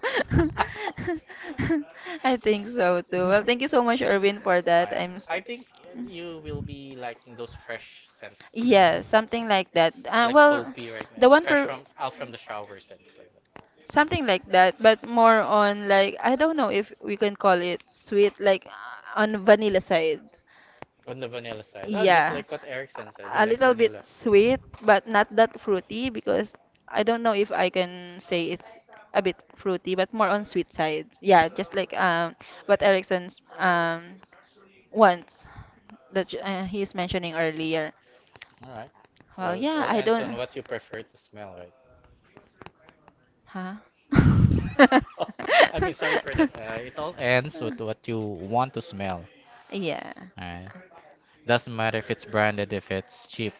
I think so too. Well, thank you so much, Irwin, for Oh, that. yeah. I'm. I think Mm. you will be liking those fresh scents. Yeah, something like that. It's like Well, soapy right now. the one Fresh per. from out from the shower scents like that. Something like that, but more on like I don't know if we can call it sweet, like on vanilla side. On the vanilla side. Oh, just Yeah. like what Erickson said. He A likes little bit vanilla. sweet, but not that fruity because I don't know if I can say it's a bit fruity, but more on sweet side. Yeah, just like what Erickson's wants that he's mentioning earlier. All right. Well, Well, it yeah, all I ends on don't. what you prefer to smell, right? Huh? I mean, sorry for that. It all ends with what you want to smell. yeah. Alright. Doesn't matter if it's branded, if it's cheap,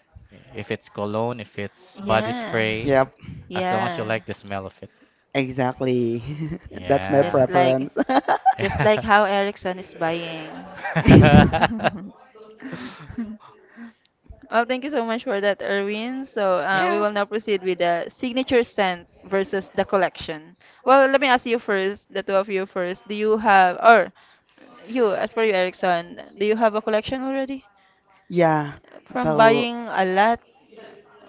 if it's cologne, if it's body Yeah. spray, Yep, as long as you Yeah. like the smell of it. exactly. That's my Yeah. Just like preference. just like how Ericsson is buying. Well, thank you so much for that, Erwin. So Yeah. We Yeah. will now proceed with the signature scent versus the collection. Well, let me ask you first, the two of you first. Do you have, or you, as per you, Erickson, do you have a collection already? Yeah. From So buying a lot,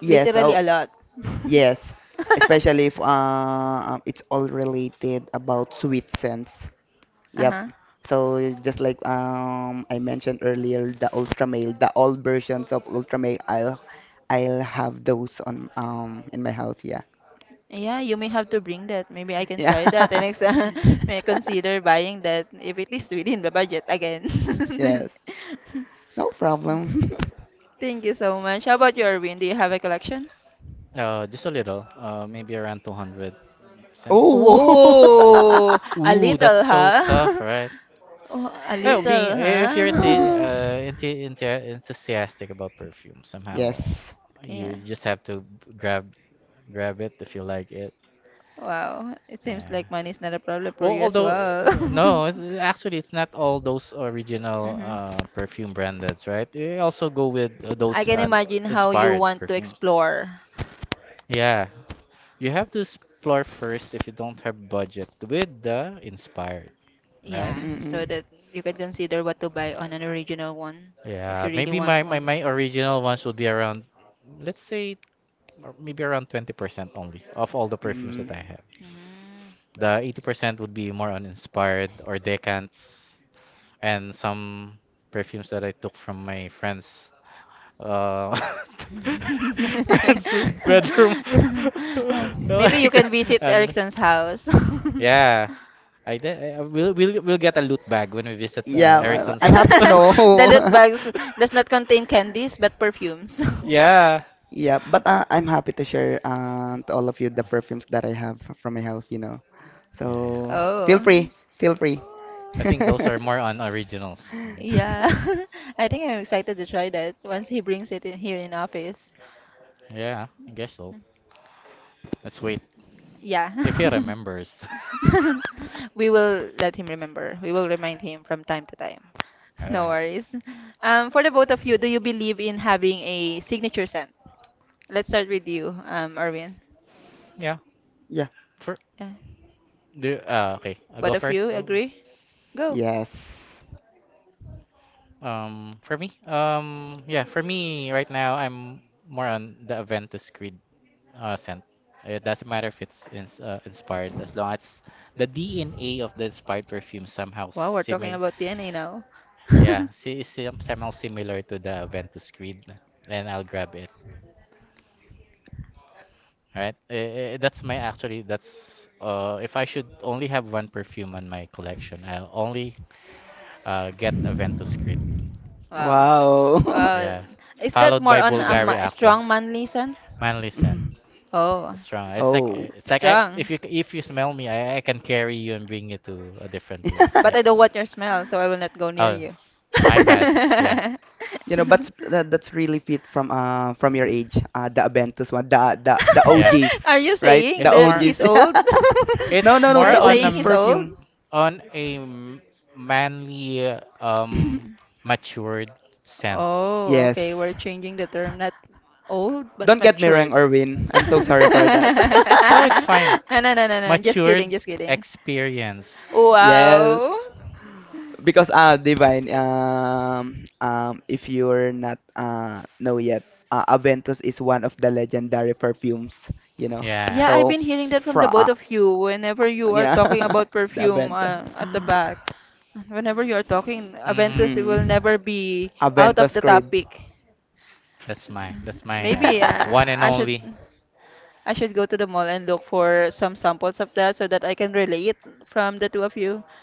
yes. literally So a lot. yes. Especially if, it's all related about sweet scents. Yep. Uh-huh. So just like, I mentioned earlier, the Ultramail, the old versions of Ultramail, I'll have those on in my house. Yeah. Yeah, you may have to bring that. Maybe I can Yeah. try that and next time may consider buying that if it is within the budget again. Yes. No problem. Thank you so much. How about you, Erwin? Do you have a collection? Just a little. Maybe around 200 cents. Oh. Whoa, a Ooh, that's little, so tough, huh? right? Oh, a Oh, being little, if you're huh? Ah. Into enthusiastic about perfume, somehow Yes. Yeah. you just have to grab grab it if you like it. Wow. It seems Yeah. like money is not a problem for Well, you as although well. No, it's, actually it's not all those original hmm perfume brands, right? They also go with I those can imagine how you inspired want to perfumes. explore. Yeah, you have to explore first if you don't have budget with the inspired, right? Yeah, so Mm-mm. that you can consider what to buy on an original one if you Yeah, really maybe want. my original ones would be around, let's say, or maybe around 20% only of all the perfumes Mm. that I have. Mm. The 80% would be more on inspired or decants and some perfumes that I took from my friends. Uh, friends' bedroom. Maybe you like can that. visit I'm just, Erickson's house. yeah, I did. We'll get a loot bag when we visit Yeah, well, Erickson's I'm house. happy. The loot No. bags does not contain candies but perfumes. yeah. Yeah, but, I'm happy to share to all of you the perfumes that I have from my house, you know. Yeah. So feel oh. free, feel free. I think those are more on originals, right? Yeah, I think I'm excited to try that once he brings it in here in office. Yeah, I guess so. Let's wait Yeah. if he remembers. We will let him remember. We will remind him from time to time. No Alright. worries. For the both of you, do you believe in having a signature scent? Let's start with you, Erwin. Yeah. Yeah. For Yeah. do Okay, I'll go Both of you first. Agree? Go. Yes. For me, yeah, for me right now I'm more on the Aventus Creed scent. It doesn't matter if it's inspired as long as the DNA of the inspired perfume somehow Wow, we're talking similar, about DNA now. yeah, somehow similar to the Aventus Creed, then I'll grab it. All right. Eh, eh, that's my Actually, that's if I should only have one perfume on my collection, I'll only get Aventus Creed. Wow. Wow. Wow. Yeah. Is that Followed more by on a Bulgari Aqua. strong manly scent? Manly scent. Mhm. Oh, Strong. It's like, Oh. eh, it's like I if strong. you smell me, I can carry you and bring you to a different place. But I don't want your smell, so I will not go near Oh, you. my bad. Yeah. You know, that's really fit from your age. The Aventus one, the Yeah. OGs, Are you right? saying The It's that more he's OGs. old? No, it's no, no, more Are you the on a saying OGs he's old? perfume. on a m- manly, matured scent. Oh, okay. We're Yes. changing the term, not old, but Don't get me wrong, matured. Erwin. I'm so sorry for that. No, it's fine. No, no, no, no, no. Just kidding, Matured just kidding. experience. Yes. Wow. Because, divine, if you're not, know yet, Aventus is one of the legendary perfumes, you know, Yeah. Yeah, I've so been hearing that from the fra both of you whenever you are yeah, talking about the perfume Aventus, at the back. Whenever you are talking, Mm-hmm. Aventus it hmm. will never be out of Aventus the Creed. topic. That's my that's my Maybe uh, one and I should only. I should go to the mall and look for some samples of that so that I can relate from the two of you.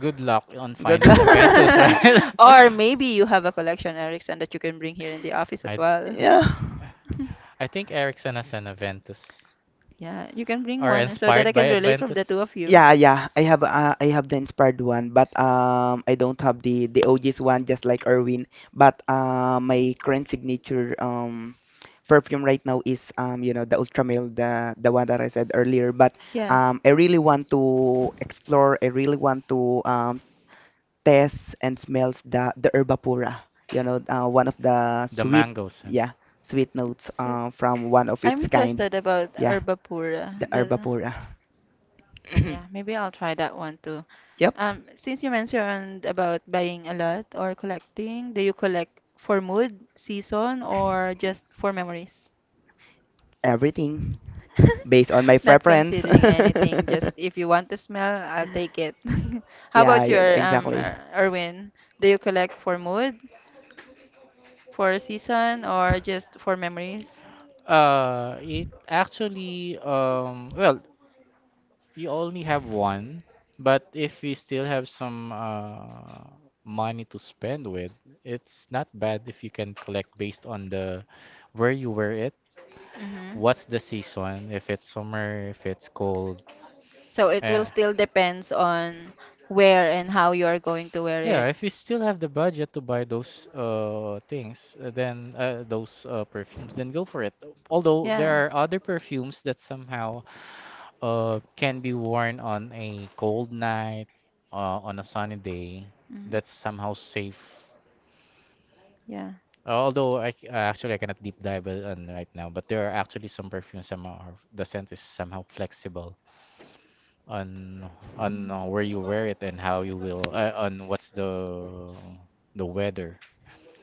Good luck on Good finding luck. a Ventus, right? Or maybe you have a collection, Erickson, that you can bring here in the office as I well. Yeah. I think Ericsson has an Aventus. Yeah, you can bring Are one so that I inspired by can relate from the two Adventus? of you. Yeah, yeah. I have the inspired one, but I don't have the OG's one just like Erwin. But my current signature perfume right now is, you know, the Ultramil, the one that I said earlier. But Yeah. I really want to explore. I really want to test and smells the Herbapura. You know, one of the The sweet, mango scent. yeah, sweet notes So from one of I'm its kind. interested about Yeah, the Herbapura. The, Herbapura. yeah, maybe I'll try that one too. Yep. Since you mentioned about buying a lot or collecting, do you collect for mood, season, or just for memories? Everything based on my Not preference. considering anything, just if you want the smell, I'll take it. How Yeah, about yeah, your exactly. Erwin? Do you collect for mood, for season, or just for memories? It actually, well, we only have one, but if we still have some money to spend with, it's not bad if you can collect based on the where you wear it, Mm-hmm. what's the season, if it's summer, if it's cold. So it will Uh, still depends on where and how you are going to wear yeah, it. if you still have the budget to buy those things, then those perfumes, then go for it. Although there Yeah. are other perfumes that somehow can be worn on a cold night on a sunny day mhm, that's somehow safe, Yeah. although actually I cannot deep dive it on right now, but there are actually some perfumes somehow the scent is somehow flexible on where mhm. you wear it and how you will on what's the weather.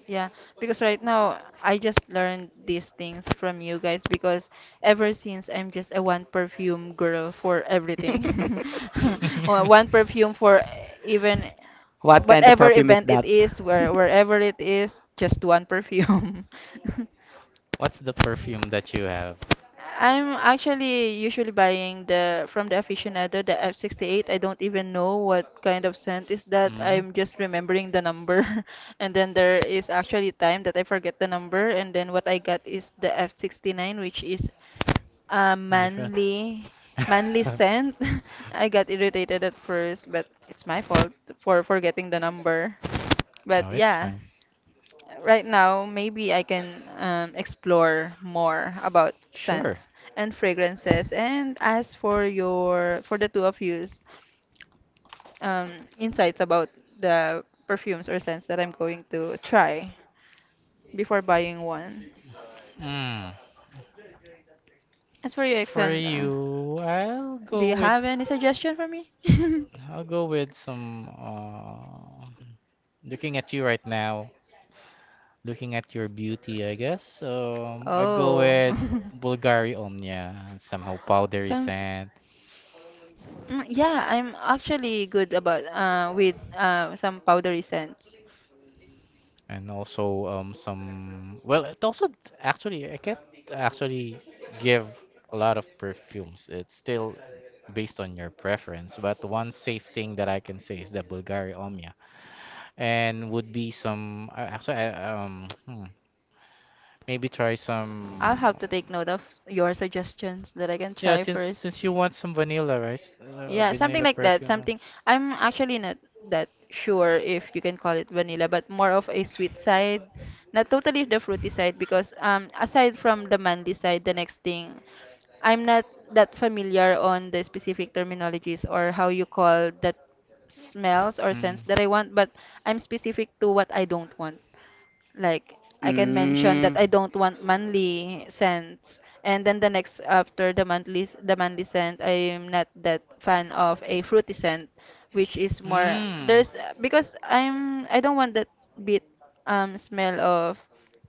Yeah, because right now I just learned these things from you guys because ever since I'm just a one perfume girl for everything. Well, one perfume for even What kind of whatever perfume is event it that? is, wherever it is, just one perfume. What's the perfume that you have? I'm actually usually buying the from the aficionado the F68. I don't even know what kind of scent is that. hmm I'm just remembering the number. And then there is actually time that I forget the number and then what I got is the F69 which is a No difference. manly manly scent. I got irritated at first, but it's my fault for forgetting the number. But No, it's yeah. fine. Right now, maybe I can explore more about Sure. scents and fragrances. And as for your, for the two of yous, insights about the perfumes or scents that I'm going to try before buying one. Mm, As for you, for Exxon, you, do you have any suggestion for me? I'll go with some looking at you right now, looking at your beauty, I guess. I go oh. with Bulgari Omnia, and somehow powdery Some sand, Mm, yeah, I'm actually good about with some powdery scents. and also some well, it also actually I can't actually give a lot of perfumes. It's still based on your preference. But one safe thing that I can say is the Bulgari Omia, and would be some actually maybe try I'll some, have to take note of your suggestions that I can yeah, try since first. since you want some vanilla, right? Yeah, something Vanilla like that. perfume. Huh? Something I'm actually not that sure if you can call it vanilla, but more of a sweet side. Not totally the fruity side because aside from the manly side, the next thing I'm not that familiar on the specific terminologies or how you call that smells or Mm. scents that I want, but I'm specific to what I don't want. Like I can mention that Mm. I don't want monthly scents, and then the next after the monthly the monthly scent, I am not that fan of a fruity scent, which is more Mm. there's because I don't want that bit smell of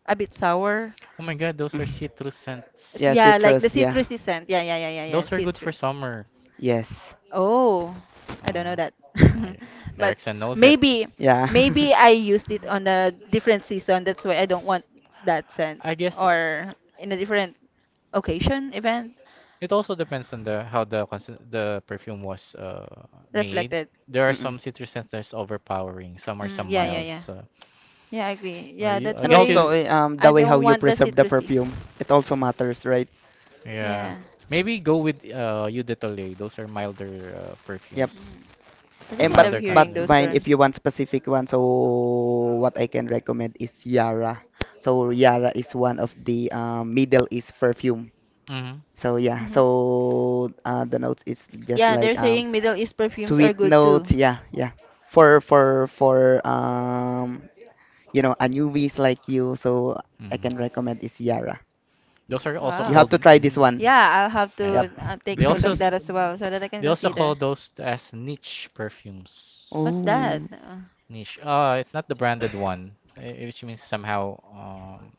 a bit sour. Oh my God, those are Mm. citrus scents. Yeah, Yeah, like the citrus, yeah. citrusy scent. Yeah, yeah, yeah, yeah, yeah. Those are good for summer. Yes. Oh, I don't Uh, know that. oh, yeah. But Erickson knows it, maybe Yeah. maybe I used it on a different season. That's why I don't want that scent I guess. or in a different occasion, event It also depends on the how the perfume was made. reflected. There are some citrus scents that's overpowering. Some are some Yeah, yeah, mild. yeah. So, Yeah, I agree. so Yeah, you, that's I And guess why also, you, eh, I the way how don't you want the preserve the citrusy. perfume, it also matters, right? yeah, Yeah. maybe go with Eau de Toilette. Those are milder Yep. perfumes. Mm. I The And really love milder but hearing concentration. those Vine, if terms. you want specific one, so what I can recommend is Yara. So Yara is one of the, Middle East perfume. Mm-hmm. So yeah, hmm so the notes is just Yeah, like they're saying Middle East perfumes are sweet good too. notes, yeah, yeah. For you know, a newbies like you, so I Mm. can recommend is Yara. Those are also You Wow. have called to try this one. Yeah, I'll have Yep. yeah. to take They note also of s- that as well so that I can they also call consider. those as niche What's perfumes. that? Oh, Niche. Oh, it's not the branded one, which means somehow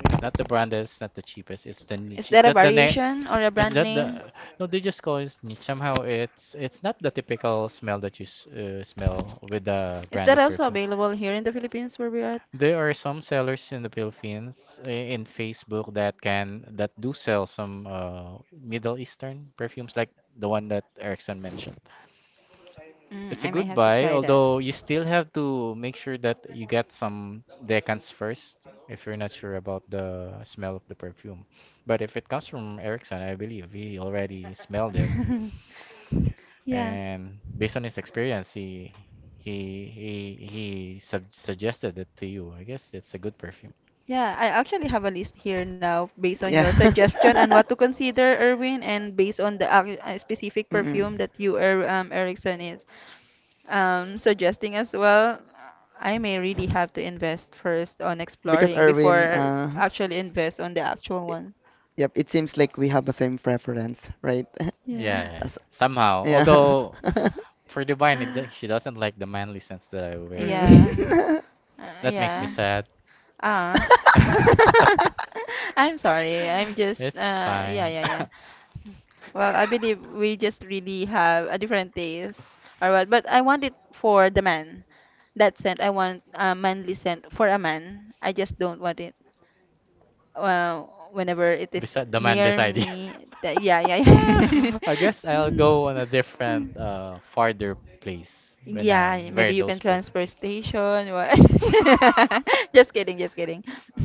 it's not the branded, it's not the cheapest, it's the Is niche. Is that a that the name? variation or a Is brand that name? the? No, they just call it niche. Somehow it's not the typical smell that smell with the Is that branded also perfume. available here in the Philippines where we are? There are some sellers in the Philippines, in Facebook, that can that do sell some Middle Eastern perfumes like the one that Erickson mentioned. Mm, It's a I may good have to buy, try that. although you still have to make sure that you get some decants first if you're not sure about the smell of the perfume. But if it comes from Erickson, I believe he already smelled it, yeah. and based on his experience, he sub suggested it to you. I guess it's a good perfume. Yeah, I actually have a list here now based on yeah. your suggestion and what to consider, Erwin, and based on the specific Mm. perfume that you, Erickson, is suggesting as well. I may really have to invest first on Because exploring Erwin, before actually invest on the actual i- one. yep, it seems like we have the same preference, right? Yeah, Yeah. yeah, As, somehow. yeah. Although for Divine, she doesn't like the manly sense that I wear, so Yeah. Mm. That makes me Yeah. sad. Ah. I'm sorry. I'm just It's yeah, fine. yeah, yeah. Well, I believe we just really have a different taste or what. But I want it for the man. That scent, I want a manly scent for a man. I just don't want it uh, whenever it is Beside the the man man near beside you. beside you. Me. That, yeah, yeah, I yeah. guess I'll go on a Mm. different, farther place when Yeah, I maybe wear you can those perfumes. transfer station. What? Just kidding, just kidding.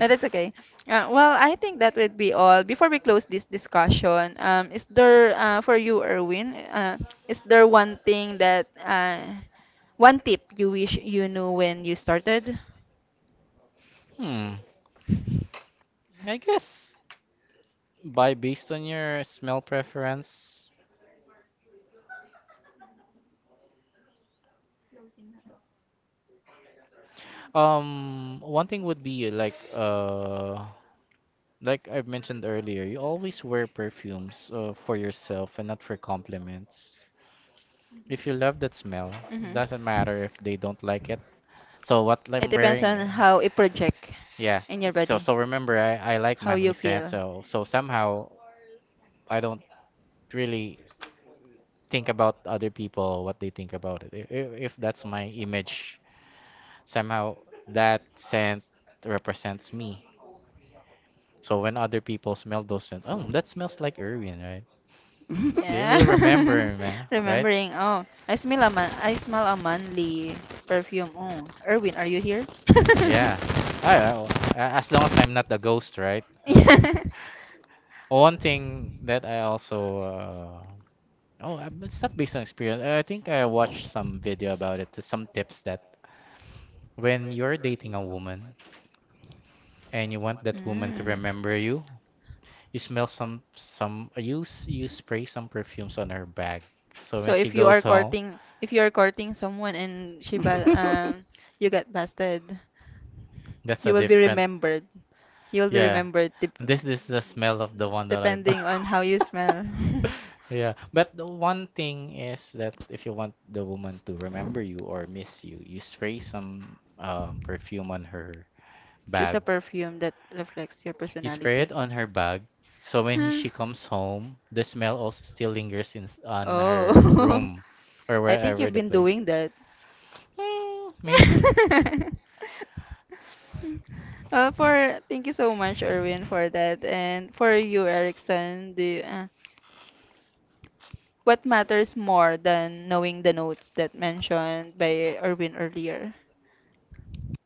No, that's okay. Well, I think that would be all. Before we close this discussion, is there for you, Erwin, is there one thing that one tip you wish you knew when you started? Hmm. I guess by based on your smell preference. One thing would be like I've mentioned earlier, you always wear perfumes for yourself and not for compliments. If you love that smell, it hmm doesn't matter if they don't like it. So what It I'm depends on wearing. how it project Yeah. in your So body, so remember, I like how manly you sense. feel. So somehow I don't really think about other people what they think about it. If that's my image, somehow that scent represents me. So when other people smell those scent, oh, that smells like Irwin, right? They Yeah. will remember, man, right? Remembering. I smell a manly perfume. Oh, Erwin, are you here? Yeah. As long as I'm not the ghost, right? So Yeah. one thing that I also Oh, it's not based on experience. I think I watched some video about it. Some tips that when you're dating a woman and you want that woman to Mm. remember you, you smell some you you spray some perfumes on her bag. So when So she if you goes are home, courting someone and she ba you get busted, that's you a will be different. remembered. You will be Yeah, remembered this is the smell of the one that I depending bought. on how you smell. Yeah, but the one thing is that if you want the woman to remember you or miss you, you spray some perfume on her Choose bag. a perfume that reflects your You spray it personality. on her bag, so when Huh. she comes home, the smell also still lingers in, on Oh, her room or I think wherever you've the been place. doing that. Mm, maybe. Well, for thank you S- so much, Erwin, for that, and for you, Erickson. The what matters more than knowing the notes that mentioned by Erwin earlier?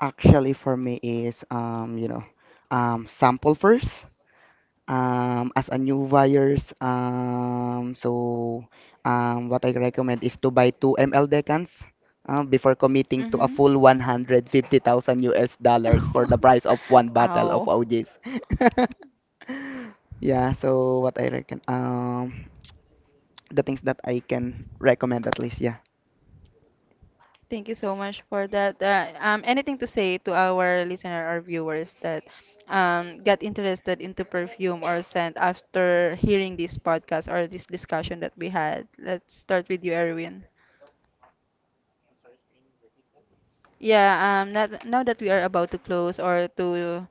Actually, for me is, sample first. As a new buyers, so what I recommend is to buy two ML decans, before committing to a Mm-hmm. full 150,000 US dollars for the price of one bottle of Ow. OGs. Yeah, so what I reckon, the things that I can recommend at least, yeah. Thank you so much for that. Anything to say to our listener or viewers that got interested into perfume or scent after hearing this podcast or this discussion that we had? Let's start with you, Erwin. Yeah, not, now that we are about to close or to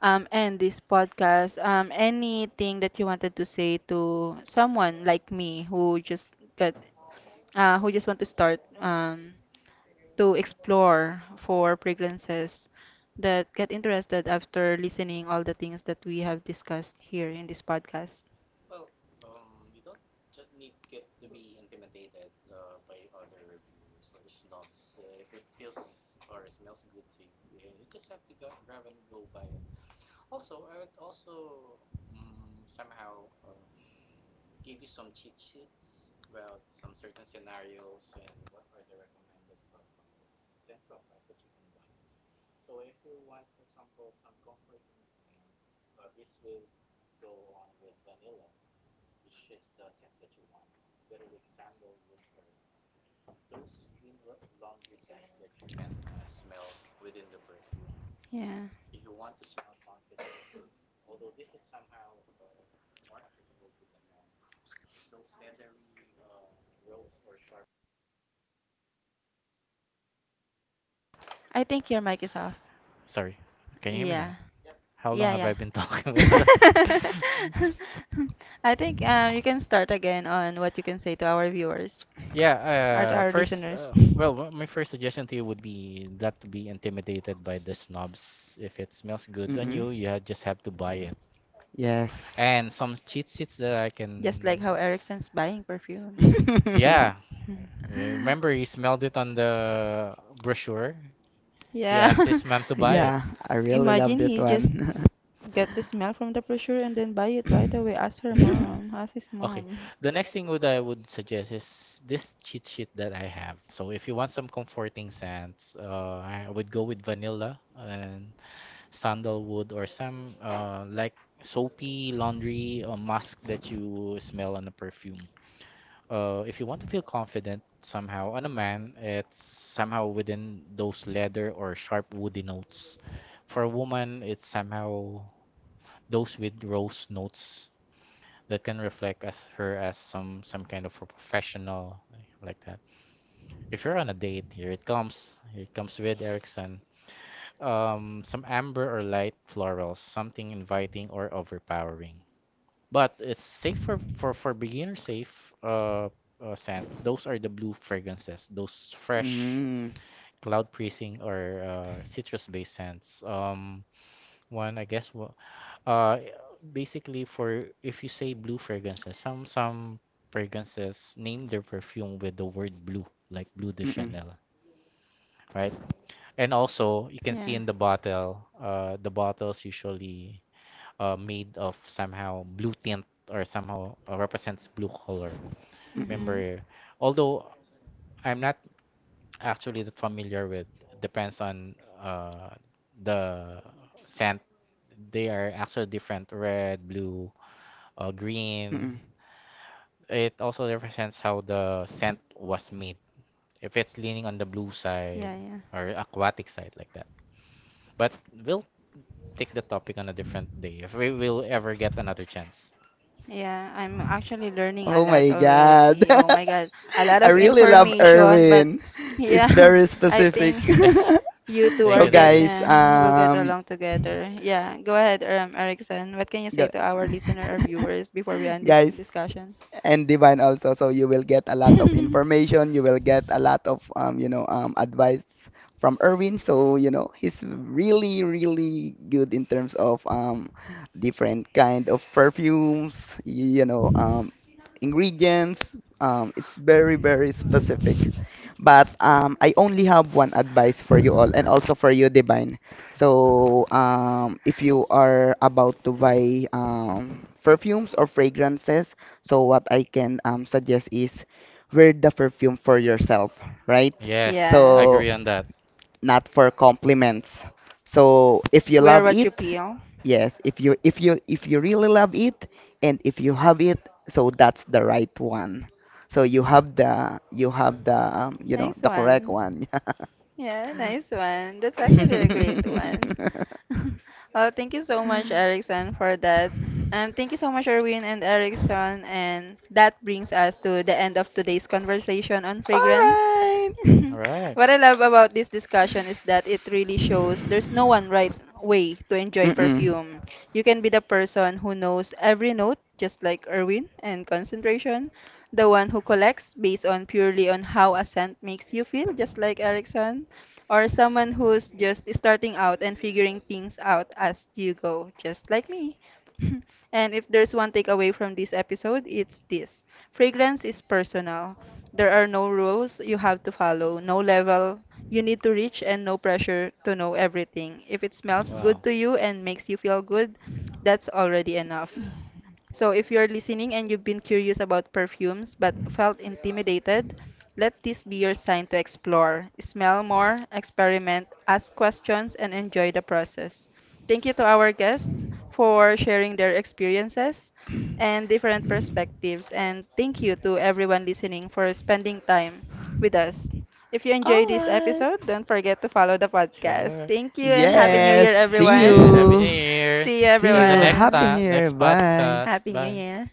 end this podcast, anything that you wanted to say to someone like me who just got who just want to start to explore for fragrances that get interested after listening all the things that we have discussed here in this podcast. Yeah. I think your mic is off. Sorry. Can you hear me Yeah. now? How long Yeah, have yeah. I been talking without? I think you can start again on what you can say to our viewers Yeah, or to our first, listeners. Well, my first suggestion to you would be not to be intimidated by the snobs. If it smells good on Mm-mm. you, just have to buy it. Yes. And some cheat sheets that I Just like can. how Erickson's buying perfumes. Yeah, yeah, remember he smelled it on the brochure. He Yeah. asked his mom to buy it. Yeah, I really love Imagine that he just one. get the smell from the brochure and then buy it right away. Ask her Yeah. mom. Ask his Okay. mom. The next thing would I would suggest is this cheat sheet that I have. So if you want some comforting scents, I would go with vanilla and sandalwood or some like soapy laundry or musk that you smell on a perfume. If you want to feel confident somehow on a man, it's somehow within those leather or sharp woody notes. For a woman, it's somehow those with rose notes that can reflect as her as some kind of a professional, like that. If you're on a date, here it comes. Here it comes with Erickson. Some amber or light florals, something inviting or overpowering. But it's safe for beginner safe uh, scents. Those are the blue fragrances. Those fresh Mm. cloud pressing or citrus based scents. One I guess uh basically for if you say blue fragrances, some fragrances name their perfume with the word blue, like Blue de Mm-mm. Chanel, right? And also you can see Yeah. in the bottle, the bottles usually made of somehow blue tint or somehow represents blue color. Mm-mm. Mm-hmm. Remember, although I'm not actually that familiar with, depends on the scent. They are actually different red, blue, Mm-mm. green. It also represents how the scent was made. If it's leaning on the blue side Yeah, yeah. or aquatic side, like that. But we'll take the topic on a different day if we will ever get another chance. Yeah, I'm actually learning a Oh lot my God. already. Oh my God, a lot I of really love information, but Erwin. It's yeah, very I specific. think Thank you. you two Thank So are you. Thank get you. guys, will get along together. Yeah, go ahead, Erickson. What can you say Gu- to our listener or viewers before we end this guys, discussion? and Divine also, so you will get a lot of information, you will get a lot of advice from Erwin, so you know he's really, really good in terms of different kind of perfumes, you know, ingredients, it's very, very specific, but I only have one advice for you all and also for you Divine. So, if you are about to buy perfumes or fragrances, so what I can, suggest is wear the perfume for yourself, right? Yes, I Yeah. So, agree on that. that. not for compliments. So, if you Wear love what you it, peel. yes, if you if you if you really love it, and if you have it, so that's the right one. So you have the, you have the, Nice the correct one. one. Yeah, nice one. That's actually a great one. Well, thank you so much, Erickson, for that. Thank you so much, Erwin and Erickson. And that brings us to the end of today's conversation on All fragrance. right. All right. What I love about this discussion is that it really shows there's no one right way to enjoy Mm-mm. perfume. You can be the person who knows every note, just like Erwin and concentration, the one who collects based on purely on how a scent makes you feel, just like Erickson, or someone who's just starting out and figuring things out as you go, just like me. And if there's one takeaway from this episode, it's this. Fragrance is personal. There are no rules you have to follow, no level you need to reach, and no pressure to know everything. If it smells good Wow. to you and makes you feel good, that's already enough. So if you're listening and you've been curious about perfumes but felt intimidated, let this be your sign to explore. Smell more, experiment, ask questions, and enjoy the process. Thank you to our guests for sharing their experiences and different perspectives. And thank you to everyone listening for spending time with us. If you enjoyed All this right. episode, don't forget to follow the podcast. Sure. Thank you and Happy Sure. New Yes. Year, Thank See you. everyone. Happy New you. Year. See you, See See you on the you. next everyone. Happy New time, Year. next Bye. podcast. Happy New Bye. Year.